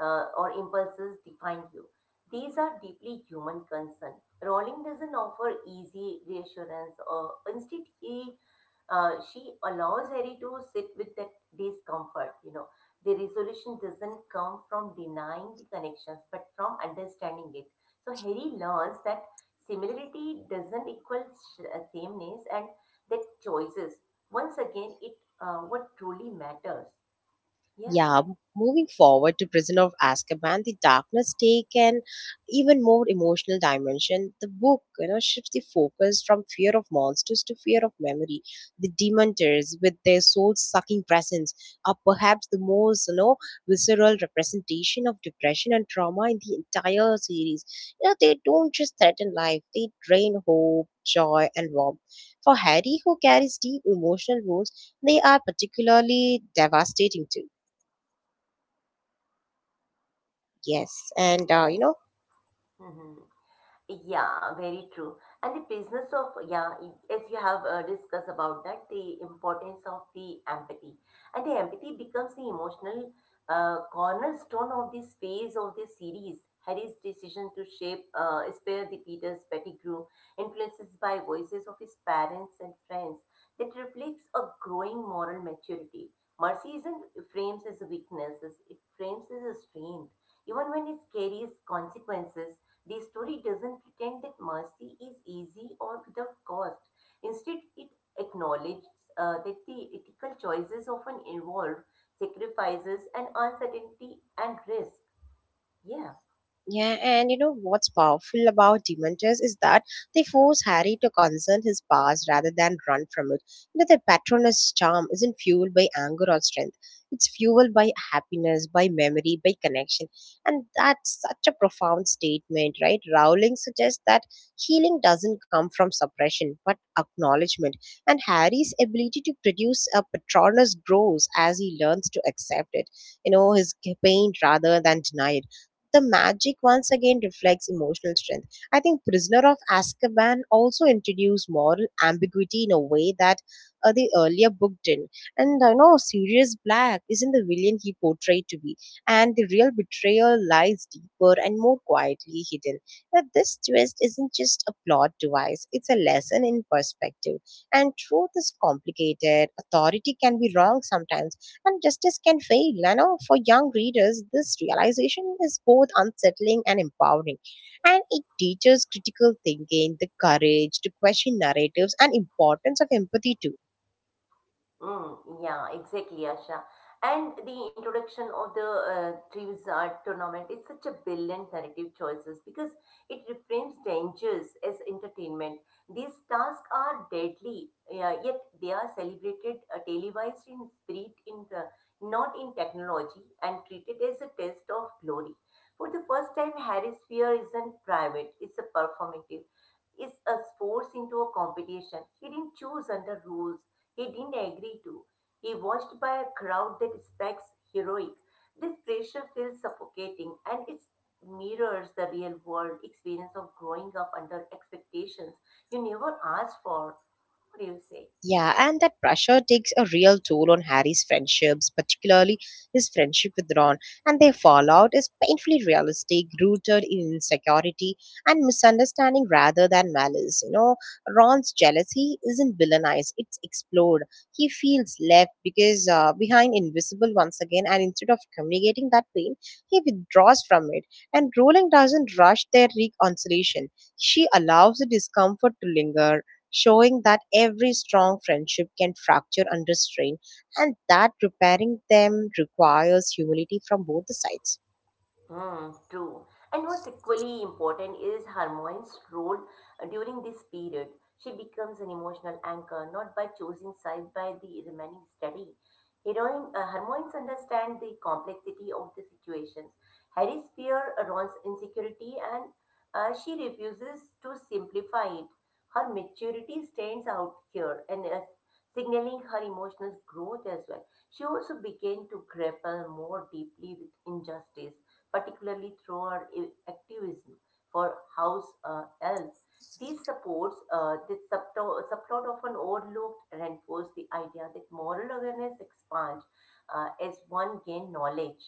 Speaker 2: or impulses define you. These are deeply human concern. Rowling doesn't offer easy reassurance, or instead, he she allows Harry to sit with that discomfort, you know, the resolution doesn't come from denying the connections but from understanding it so harry learns that similarity doesn't equal sameness and that choices once again it what truly matters yeah
Speaker 1: Yeah, moving forward to Prisoner of Azkaban, the darkness take an even more emotional dimension. The book, shifts the focus from fear of monsters to fear of memory. The Dementors, with their soul-sucking presence, are perhaps the most, visceral representation of depression and trauma in the entire series. They don't just threaten life; they drain hope, joy, and warmth. For Harry, who carries deep emotional wounds, they are particularly devastating too. Yes, and uh, you
Speaker 2: yes
Speaker 1: know,
Speaker 2: Mhm. Yeah, very true. And the business of, yeah, as you have discussed about that, the importance of the empathy. And the empathy becomes the emotional cornerstone of this phase of this series. Harry's decision to shape, spare the Peter's Pettigrew, influences by voices of his parents and friends, that reflects a growing moral maturity. Mercy isn't frames as a weakness, it frames as a strength. Even when it carries consequences, the story doesn't pretend that mercy is easy or without cost. Instead, it acknowledges that the ethical choices often involve sacrifices and uncertainty and risk. Yeah.
Speaker 1: Yeah, and you know what's powerful about Dementors is that they force Harry to confront his past rather than run from it. Their patronus charm isn't fueled by anger or strength. It's fueled by happiness, by memory, by connection. And that's such a profound statement, right? Rowling suggests that healing doesn't come from suppression, but acknowledgement. And Harry's ability to produce a patronus grows as he learns to accept it, his pain rather than denial. The magic once again reflects emotional strength. I think Prisoner of Azkaban also introduced moral ambiguity in a way that the earlier book didn't. And I know Sirius Black isn't the villain he portrayed to be, and the real betrayal lies deeper and more quietly hidden. That this twist isn't just a plot device, it's a lesson in perspective. And truth is complicated, authority can be wrong sometimes, and justice can fail. For young readers, this realization is both unsettling and empowering, and it teaches critical thinking, the courage to question narratives, and importance of empathy too.
Speaker 2: Mm, yeah, exactly, Asha. And the introduction of the Treves Art Tournament is such a brilliant narrative choices because it reframes dangers as entertainment. These tasks are deadly, yeah, yet they are celebrated, televised in spirit, in the, not in technology, and treated as a test of glory. For the first time, Harry's fear isn't private; it's a performative is a force into a competition. He didn't choose under rules. He didn't agree to. He watched by a crowd that expects heroic. This pressure feels suffocating and it mirrors the real world experience of growing up under expectations you never asked for. What do you say?
Speaker 1: Yeah, and that pressure takes a real toll on Harry's friendships, particularly his friendship with Ron, and their fallout is painfully realistic, rooted in insecurity and misunderstanding rather than malice. Ron's jealousy isn't villainized, it's explored. He feels left because behind invisible once again, and instead of communicating that pain, he withdraws from it. And Rowling doesn't rush their reconciliation, she allows the discomfort to linger, showing that every strong friendship can fracture under strain and that repairing them requires humility from both the sides.
Speaker 2: Mm, true. And what's equally important is Hermione's role during this period. She becomes an emotional anchor, not by choosing sides, by the remaining steady. Heroine, Hermione's understand the complexity of the situations. Harry's fear, Ron's insecurity, and she refuses to simplify it. Her maturity stands out here, and signaling her emotional growth as well. She also began to grapple more deeply with injustice particularly through activism for house elves. These supports, this subplot often overlooked, reinforce the idea that moral awareness expands as one gain knowledge.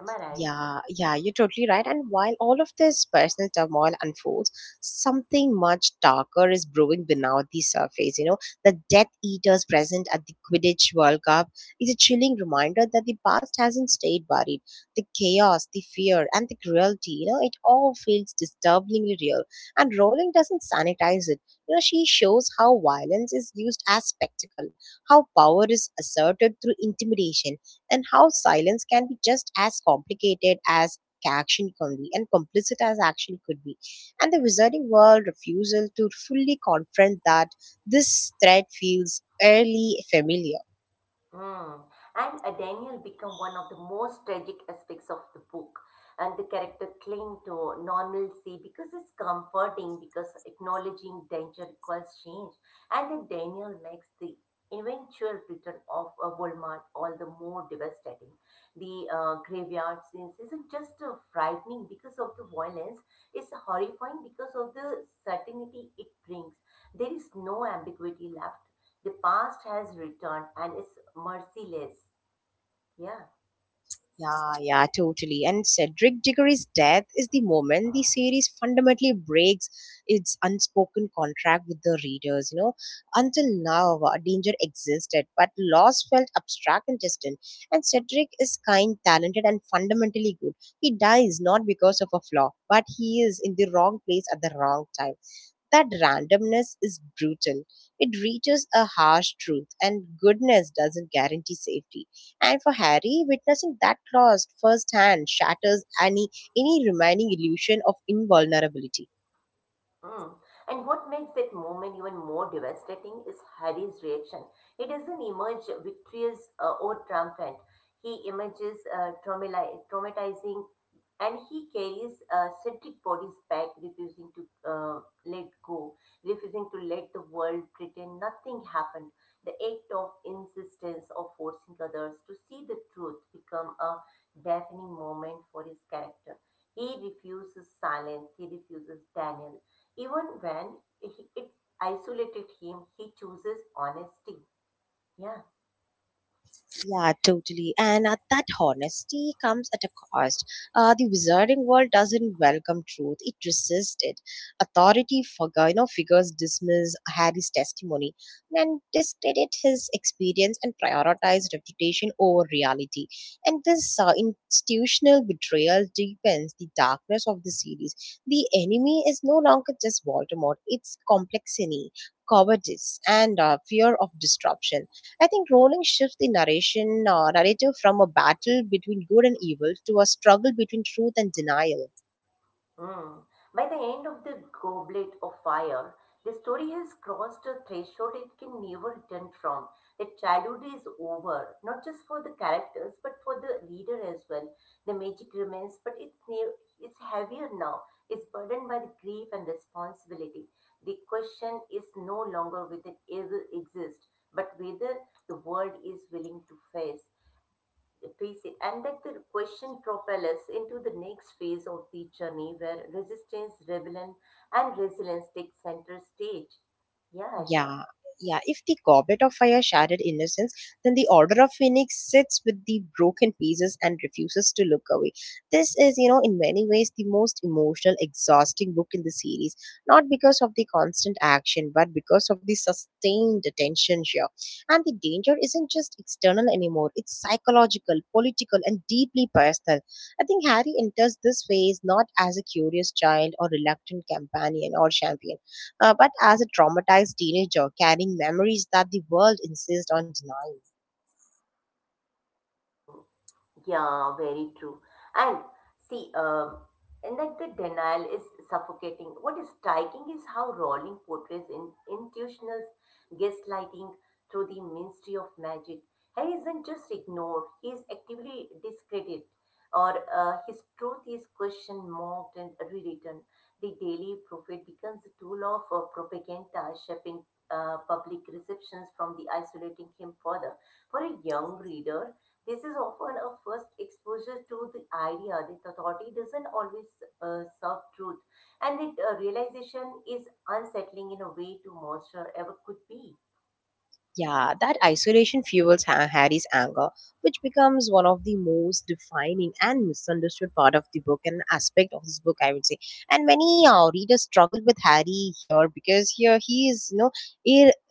Speaker 2: Am I right?
Speaker 1: Yeah, yeah, you're totally right. And while all of this personal turmoil unfolds, something much darker is brewing beneath the surface. The Death Eaters present at the Quidditch World Cup is a chilling reminder that the past hasn't stayed buried. The chaos, the fear, and the cruelty, it all feels disturbingly real. And Rowling doesn't sanitize it. She shows how violence is used as spectacle, how power is asserted through intimidation, and how silence can be just as complicated as action can be and complicit as action could be. And the wizarding world refusal to fully confront that this threat feels eerily familiar.
Speaker 2: Mm. And Daniel became one of the most tragic aspects of the book. And the character cling to normalcy because it's comforting, because acknowledging danger requires change. And then Daniel makes the eventual return of Walmart all the more devastating. The graveyard scenes isn't just frightening because of the violence, it's horrifying because of the certainty it brings. There is no ambiguity left the past has returned and is merciless. Yeah.
Speaker 1: Yeah, yeah, totally. And Cedric Diggory's death is the moment the series fundamentally breaks its unspoken contract with the readers. You know, until now, danger existed, but loss felt abstract and distant. And Cedric is kind, talented, and fundamentally good. He dies not because of a flaw, but he is in the wrong place at the wrong time. That randomness is brutal. It reaches a harsh truth, and goodness doesn't guarantee safety. And for Harry, witnessing that loss firsthand shatters any remaining illusion of invulnerability.
Speaker 2: Mm. And what makes that moment even more devastating is Harry's reaction. He doesn't emerge victorious or triumphant. He emerges traumatizing and he carries Cedric bodies back, refusing to let go, refusing to let the world pretend nothing happened. The act of insistence of forcing others to see the truth become a defining moment for his character. He refuses silence. He refuses Daniel. Even when he, it isolated him, he chooses honesty. Yeah.
Speaker 1: Yeah, totally. And that honesty comes at a cost. The wizarding world doesn't welcome truth; it resists it. Authority figures dismiss Harry's testimony, and discredit his experience, and prioritize reputation over reality. And this institutional betrayal deepens the darkness of the series. The enemy is no longer just Voldemort; it's complexity, cowardice, and fear of disruption. I think Rowling shifts the narration narrative from a battle between good and evil to a struggle between truth and denial.
Speaker 2: Mm. By the end of the goblet of fire, the story has crossed a threshold it can never return from. The childhood is over, not just for the characters, but for the reader as well. The magic remains, but it's heavier now. It's burdened by the grief and responsibility. The question is no longer whether evil exists, but whether the world is willing to face. Tracy, and that the question propel us into the next phase of the journey where resistance, rebellion, and resilience take center stage. Yeah, Asha.
Speaker 1: Yeah, yeah. If the goblet of fire shattered innocence, then the Order of Phoenix sits with the broken pieces and refuses to look away. This is, in many ways the most emotional, exhausting book in the series. Not because of the constant action, but because of the sustained attention here. And the danger isn't just external anymore, it's psychological, political, and deeply personal. I think Harry enters this phase not as a curious child or reluctant companion or champion, but as a traumatized teenager carrying memories that the world insists on denying.
Speaker 2: Yeah, very true. And see, and that the denial is suffocating. What is striking is how Rowling portrays in institutional gaslighting through the Ministry of Magic. Harry isn't just ignored; he is actively discredited, or his truth is questioned, mocked, and rewritten. The Daily Prophet becomes a tool of propaganda, shaping public receptions from the isolating him further. For a young reader, this is often a first exposure to the idea that authority doesn't always serve truth, and that realization is unsettling in a way to monster ever could be.
Speaker 1: Yeah, that isolation fuels Harry's anger, which becomes one of the most defining and misunderstood part of the book and aspect of this book, I would say. And many readers struggle with Harry here because here he is,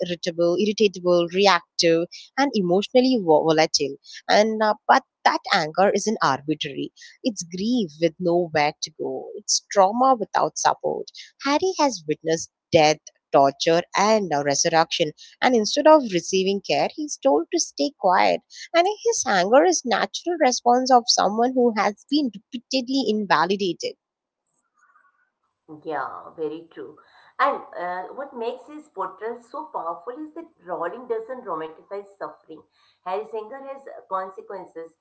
Speaker 1: irritable, irritatable, reactive, and emotionally volatile. And but that anger isn't arbitrary. It's grief with nowhere to go. It's trauma without support. Harry has witnessed death, torture, and resurrection, and instead of receiving care, he's told to stay quiet. And his anger is natural response of someone who has been repeatedly invalidated.
Speaker 2: Yeah, very true. And what makes his portrayal so powerful is that Rowling doesn't romanticize suffering. Harry's anger has consequences,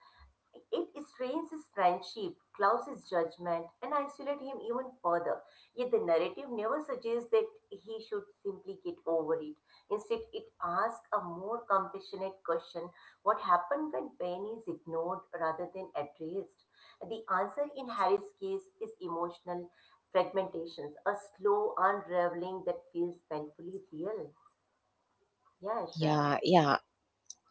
Speaker 2: it strains his friendship, clouds his judgment, and isolates him even further. Yet the narrative never suggests that he should simply get over it. Instead, it asks a more compassionate question what happened when pain is ignored rather than addressed? The answer in Harry's case is emotional fragmentations, a slow unraveling that feels painfully real. Yeah, Asha.
Speaker 1: Yeah, yeah.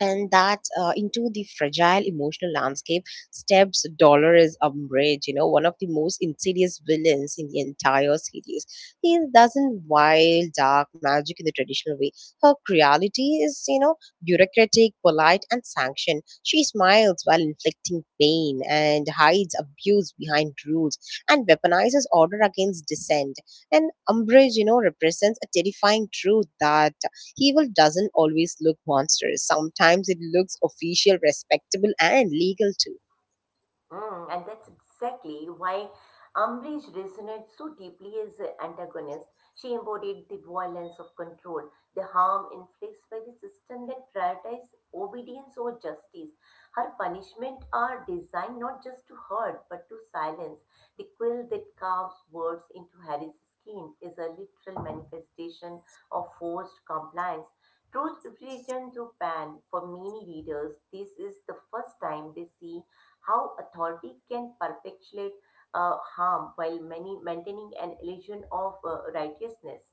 Speaker 1: And that into the fragile emotional landscape steps Dolores Umbridge, one of the most insidious villains in the entire series. He doesn't wield dark magic in the traditional way. Her reality is, bureaucratic, polite, and sanctioned. She smiles while inflicting pain, and hides abuse behind rules, and weaponizes order against dissent. And Umbridge, represents a terrifying truth that evil doesn't always look monstrous. Sometimes it looks official, respectable, and legal too.
Speaker 2: Mm, and that's exactly why Umbridge resonates so deeply as an antagonist. She embodied the violence of control, the harm inflicted by the system that prioritizes obedience over justice. Her punishment are designed not just to hurt but to silence. The quill that carves words into Harry's skin is a literal manifestation of forced compliance. Truth written through pen. For many readers, this is the first time they see how authority can perpetuate harm while many maintaining an illusion of righteousness.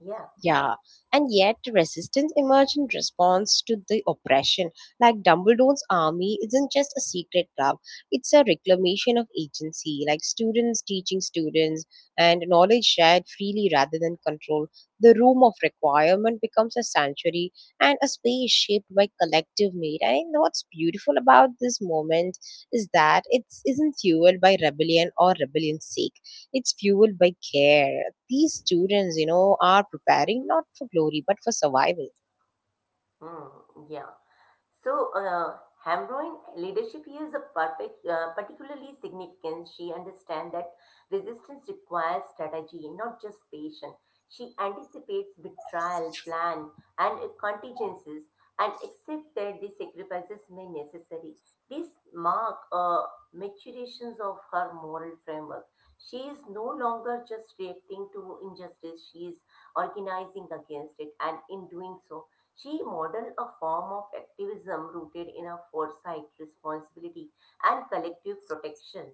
Speaker 2: Yeah.
Speaker 1: Yeah, and yet resistance emerged in response to the oppression. Like Dumbledore's army isn't just a secret club, it's a reclamation of agency, like students teaching students and knowledge shared freely rather than control. The room of requirement becomes a sanctuary and a space shaped by collective need. And I think what's beautiful about this moment is that it isn't fueled by rebellion or rebellion's sake. It's fueled by care. These students, are preparing not for glory but for survival.
Speaker 2: Hmm, yeah. So, Hamroin leadership here is a perfect, particularly significant. She understands that resistance requires strategy, not just patience. She anticipates betrayal, plan, and contingencies, and accept that the sacrifices may necessary. This mark maturations of her moral framework. She is no longer just reacting to injustice; she is organizing against it, and in doing so, she modeled a form of activism rooted in a foresight, responsibility, and collective protections.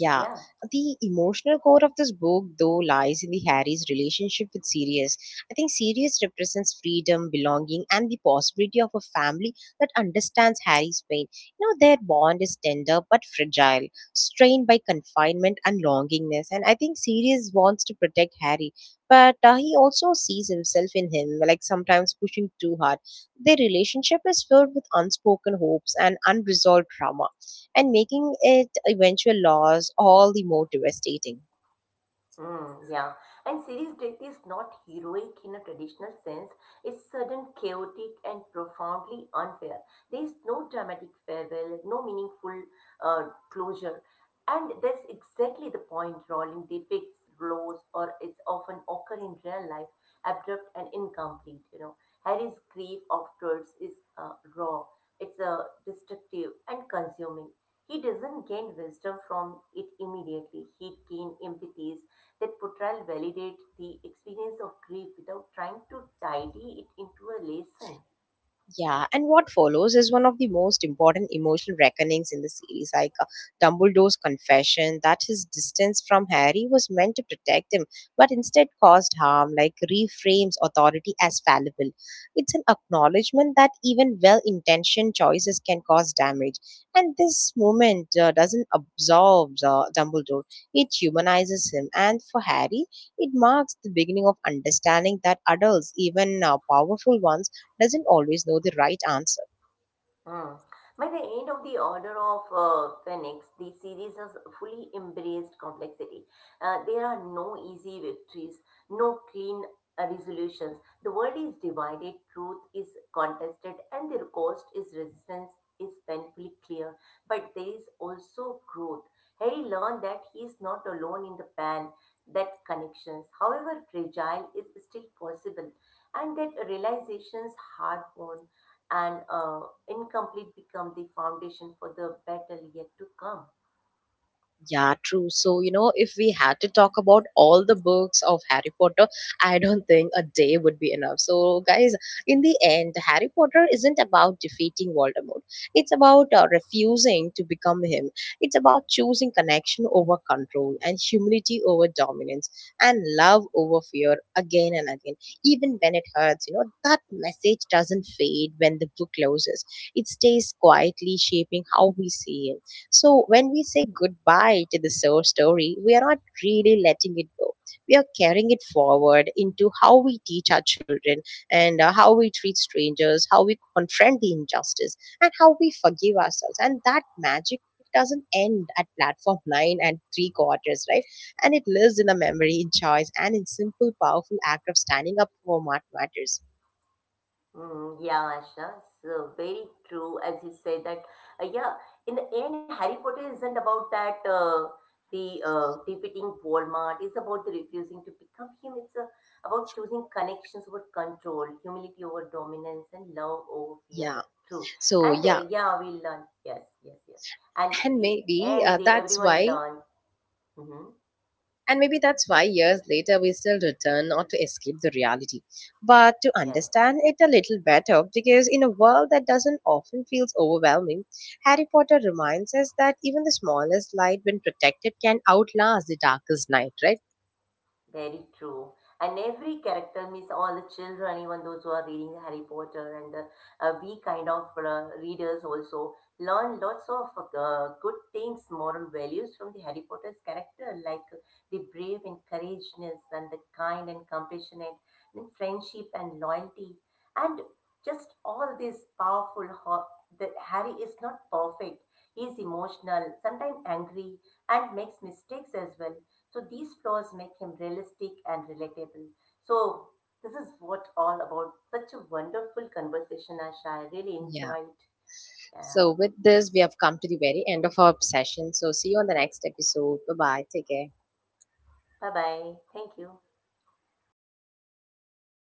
Speaker 1: Yeah,
Speaker 2: Yeah.
Speaker 1: the emotional core of this book, though, lies in the Harry's relationship with Sirius. I think Sirius represents freedom, belonging, and the possibility of a family that understands Harry's pain. Their bond is tender but fragile, strained by confinement and longingness. And I think Sirius wants to protect Harry, but he also sees himself in him, like sometimes pushing too hard. Their relationship is filled with unspoken hopes and unresolved trauma, and making it eventual loss all the more devastating.
Speaker 2: Mm, yeah, and series death is not heroic in a traditional sense. It's sudden, chaotic, and profoundly unfair. There is no dramatic farewell, no meaningful uh, closure, and that's exactly the point Rowling depicts. Lows or it's often occur in real life, abrupt and incomplete. You know, Harry's grief afterwards is raw. It's destructive and consuming. He doesn't gain wisdom from it immediately. He gains empathy that portrayal validates the experience of grief without trying to tidy it into a lesson.
Speaker 1: Yeah, and what follows is one of the most important emotional reckonings in the series, like Dumbledore's confession that his distance from Harry was meant to protect him, but instead caused harm, like reframes authority as fallible. It's an acknowledgement that even well intentioned choices can cause damage. And this moment doesn't absolve Dumbledore, it humanizes him. And for Harry, it marks the beginning of understanding that adults, even powerful ones, doesn't always know the right answer.
Speaker 2: Mm. By the end of the Order of Phoenix, the series has fully embraced complexity. There are no easy victories, no clean resolutions. The world is divided, truth is contested, and the cost is resistance is painfully clear. But there is also growth. Harry learned that he is not alone in the pan, that connections, however fragile, is still possible, and that realizations hard won and incomplete become the foundation for the battle yet to come.
Speaker 1: Yeah, true. So, if we had to talk about all the books of Harry Potter, I don't think a day would be enough. So, guys, in the end, Harry Potter isn't about defeating Voldemort. It's about refusing to become him. It's about choosing connection over control, and humility over dominance, and love over fear again and again. Even when it hurts, that message doesn't fade when the book closes. It stays quietly shaping how we see him. So when we say goodbye to the soul story, we are not really letting it go. We are carrying it forward into how we teach our children, and how we treat strangers, how we confront the injustice, and how we forgive ourselves. And that magic doesn't end at platform nine and three quarters, right? And it lives in the memory, in choice, and in simple, powerful act of standing up for what matters.
Speaker 2: Mm, yeah, Asha, so very true as you say that. Yeah, in the end, Harry Potter isn't about that the defeating Voldemort. It's about the refusing to become him. It's about choosing connections over control, humility over dominance, and love over fear.
Speaker 1: Yeah.
Speaker 2: True,
Speaker 1: So
Speaker 2: and
Speaker 1: yeah,
Speaker 2: yeah, we learn. Yes, yes, yes. And
Speaker 1: and
Speaker 2: the
Speaker 1: maybe
Speaker 2: end, the
Speaker 1: that's
Speaker 2: everyone
Speaker 1: why—
Speaker 2: learns. Hmm.
Speaker 1: And maybe that's why years later we still return not to escape the reality, but to
Speaker 2: Yes.
Speaker 1: understand it a little better. Because in a world that doesn't often feels overwhelming, Harry Potter reminds us that even the smallest light, when protected, can outlast the darkest night, right?
Speaker 2: Very true. And every character means all the children, even those who are reading Harry Potter, and we kind of readers also learn lots of good things, moral values from the Harry Potter's character, like the brave and courageousness, and the kind and compassionate, and friendship and loyalty, and just all this powerful. That Harry is not perfect. He is emotional, sometimes angry, and makes mistakes as well so these flaws make him realistic and relatable. So this is what all about. Such a wonderful conversation, Asha. I really
Speaker 1: Yeah.
Speaker 2: enjoyed. Yeah.
Speaker 1: So, with this, we have come to the very end of our session. So, see you on the next episode. Bye bye. Take care.
Speaker 2: Bye bye. Thank you.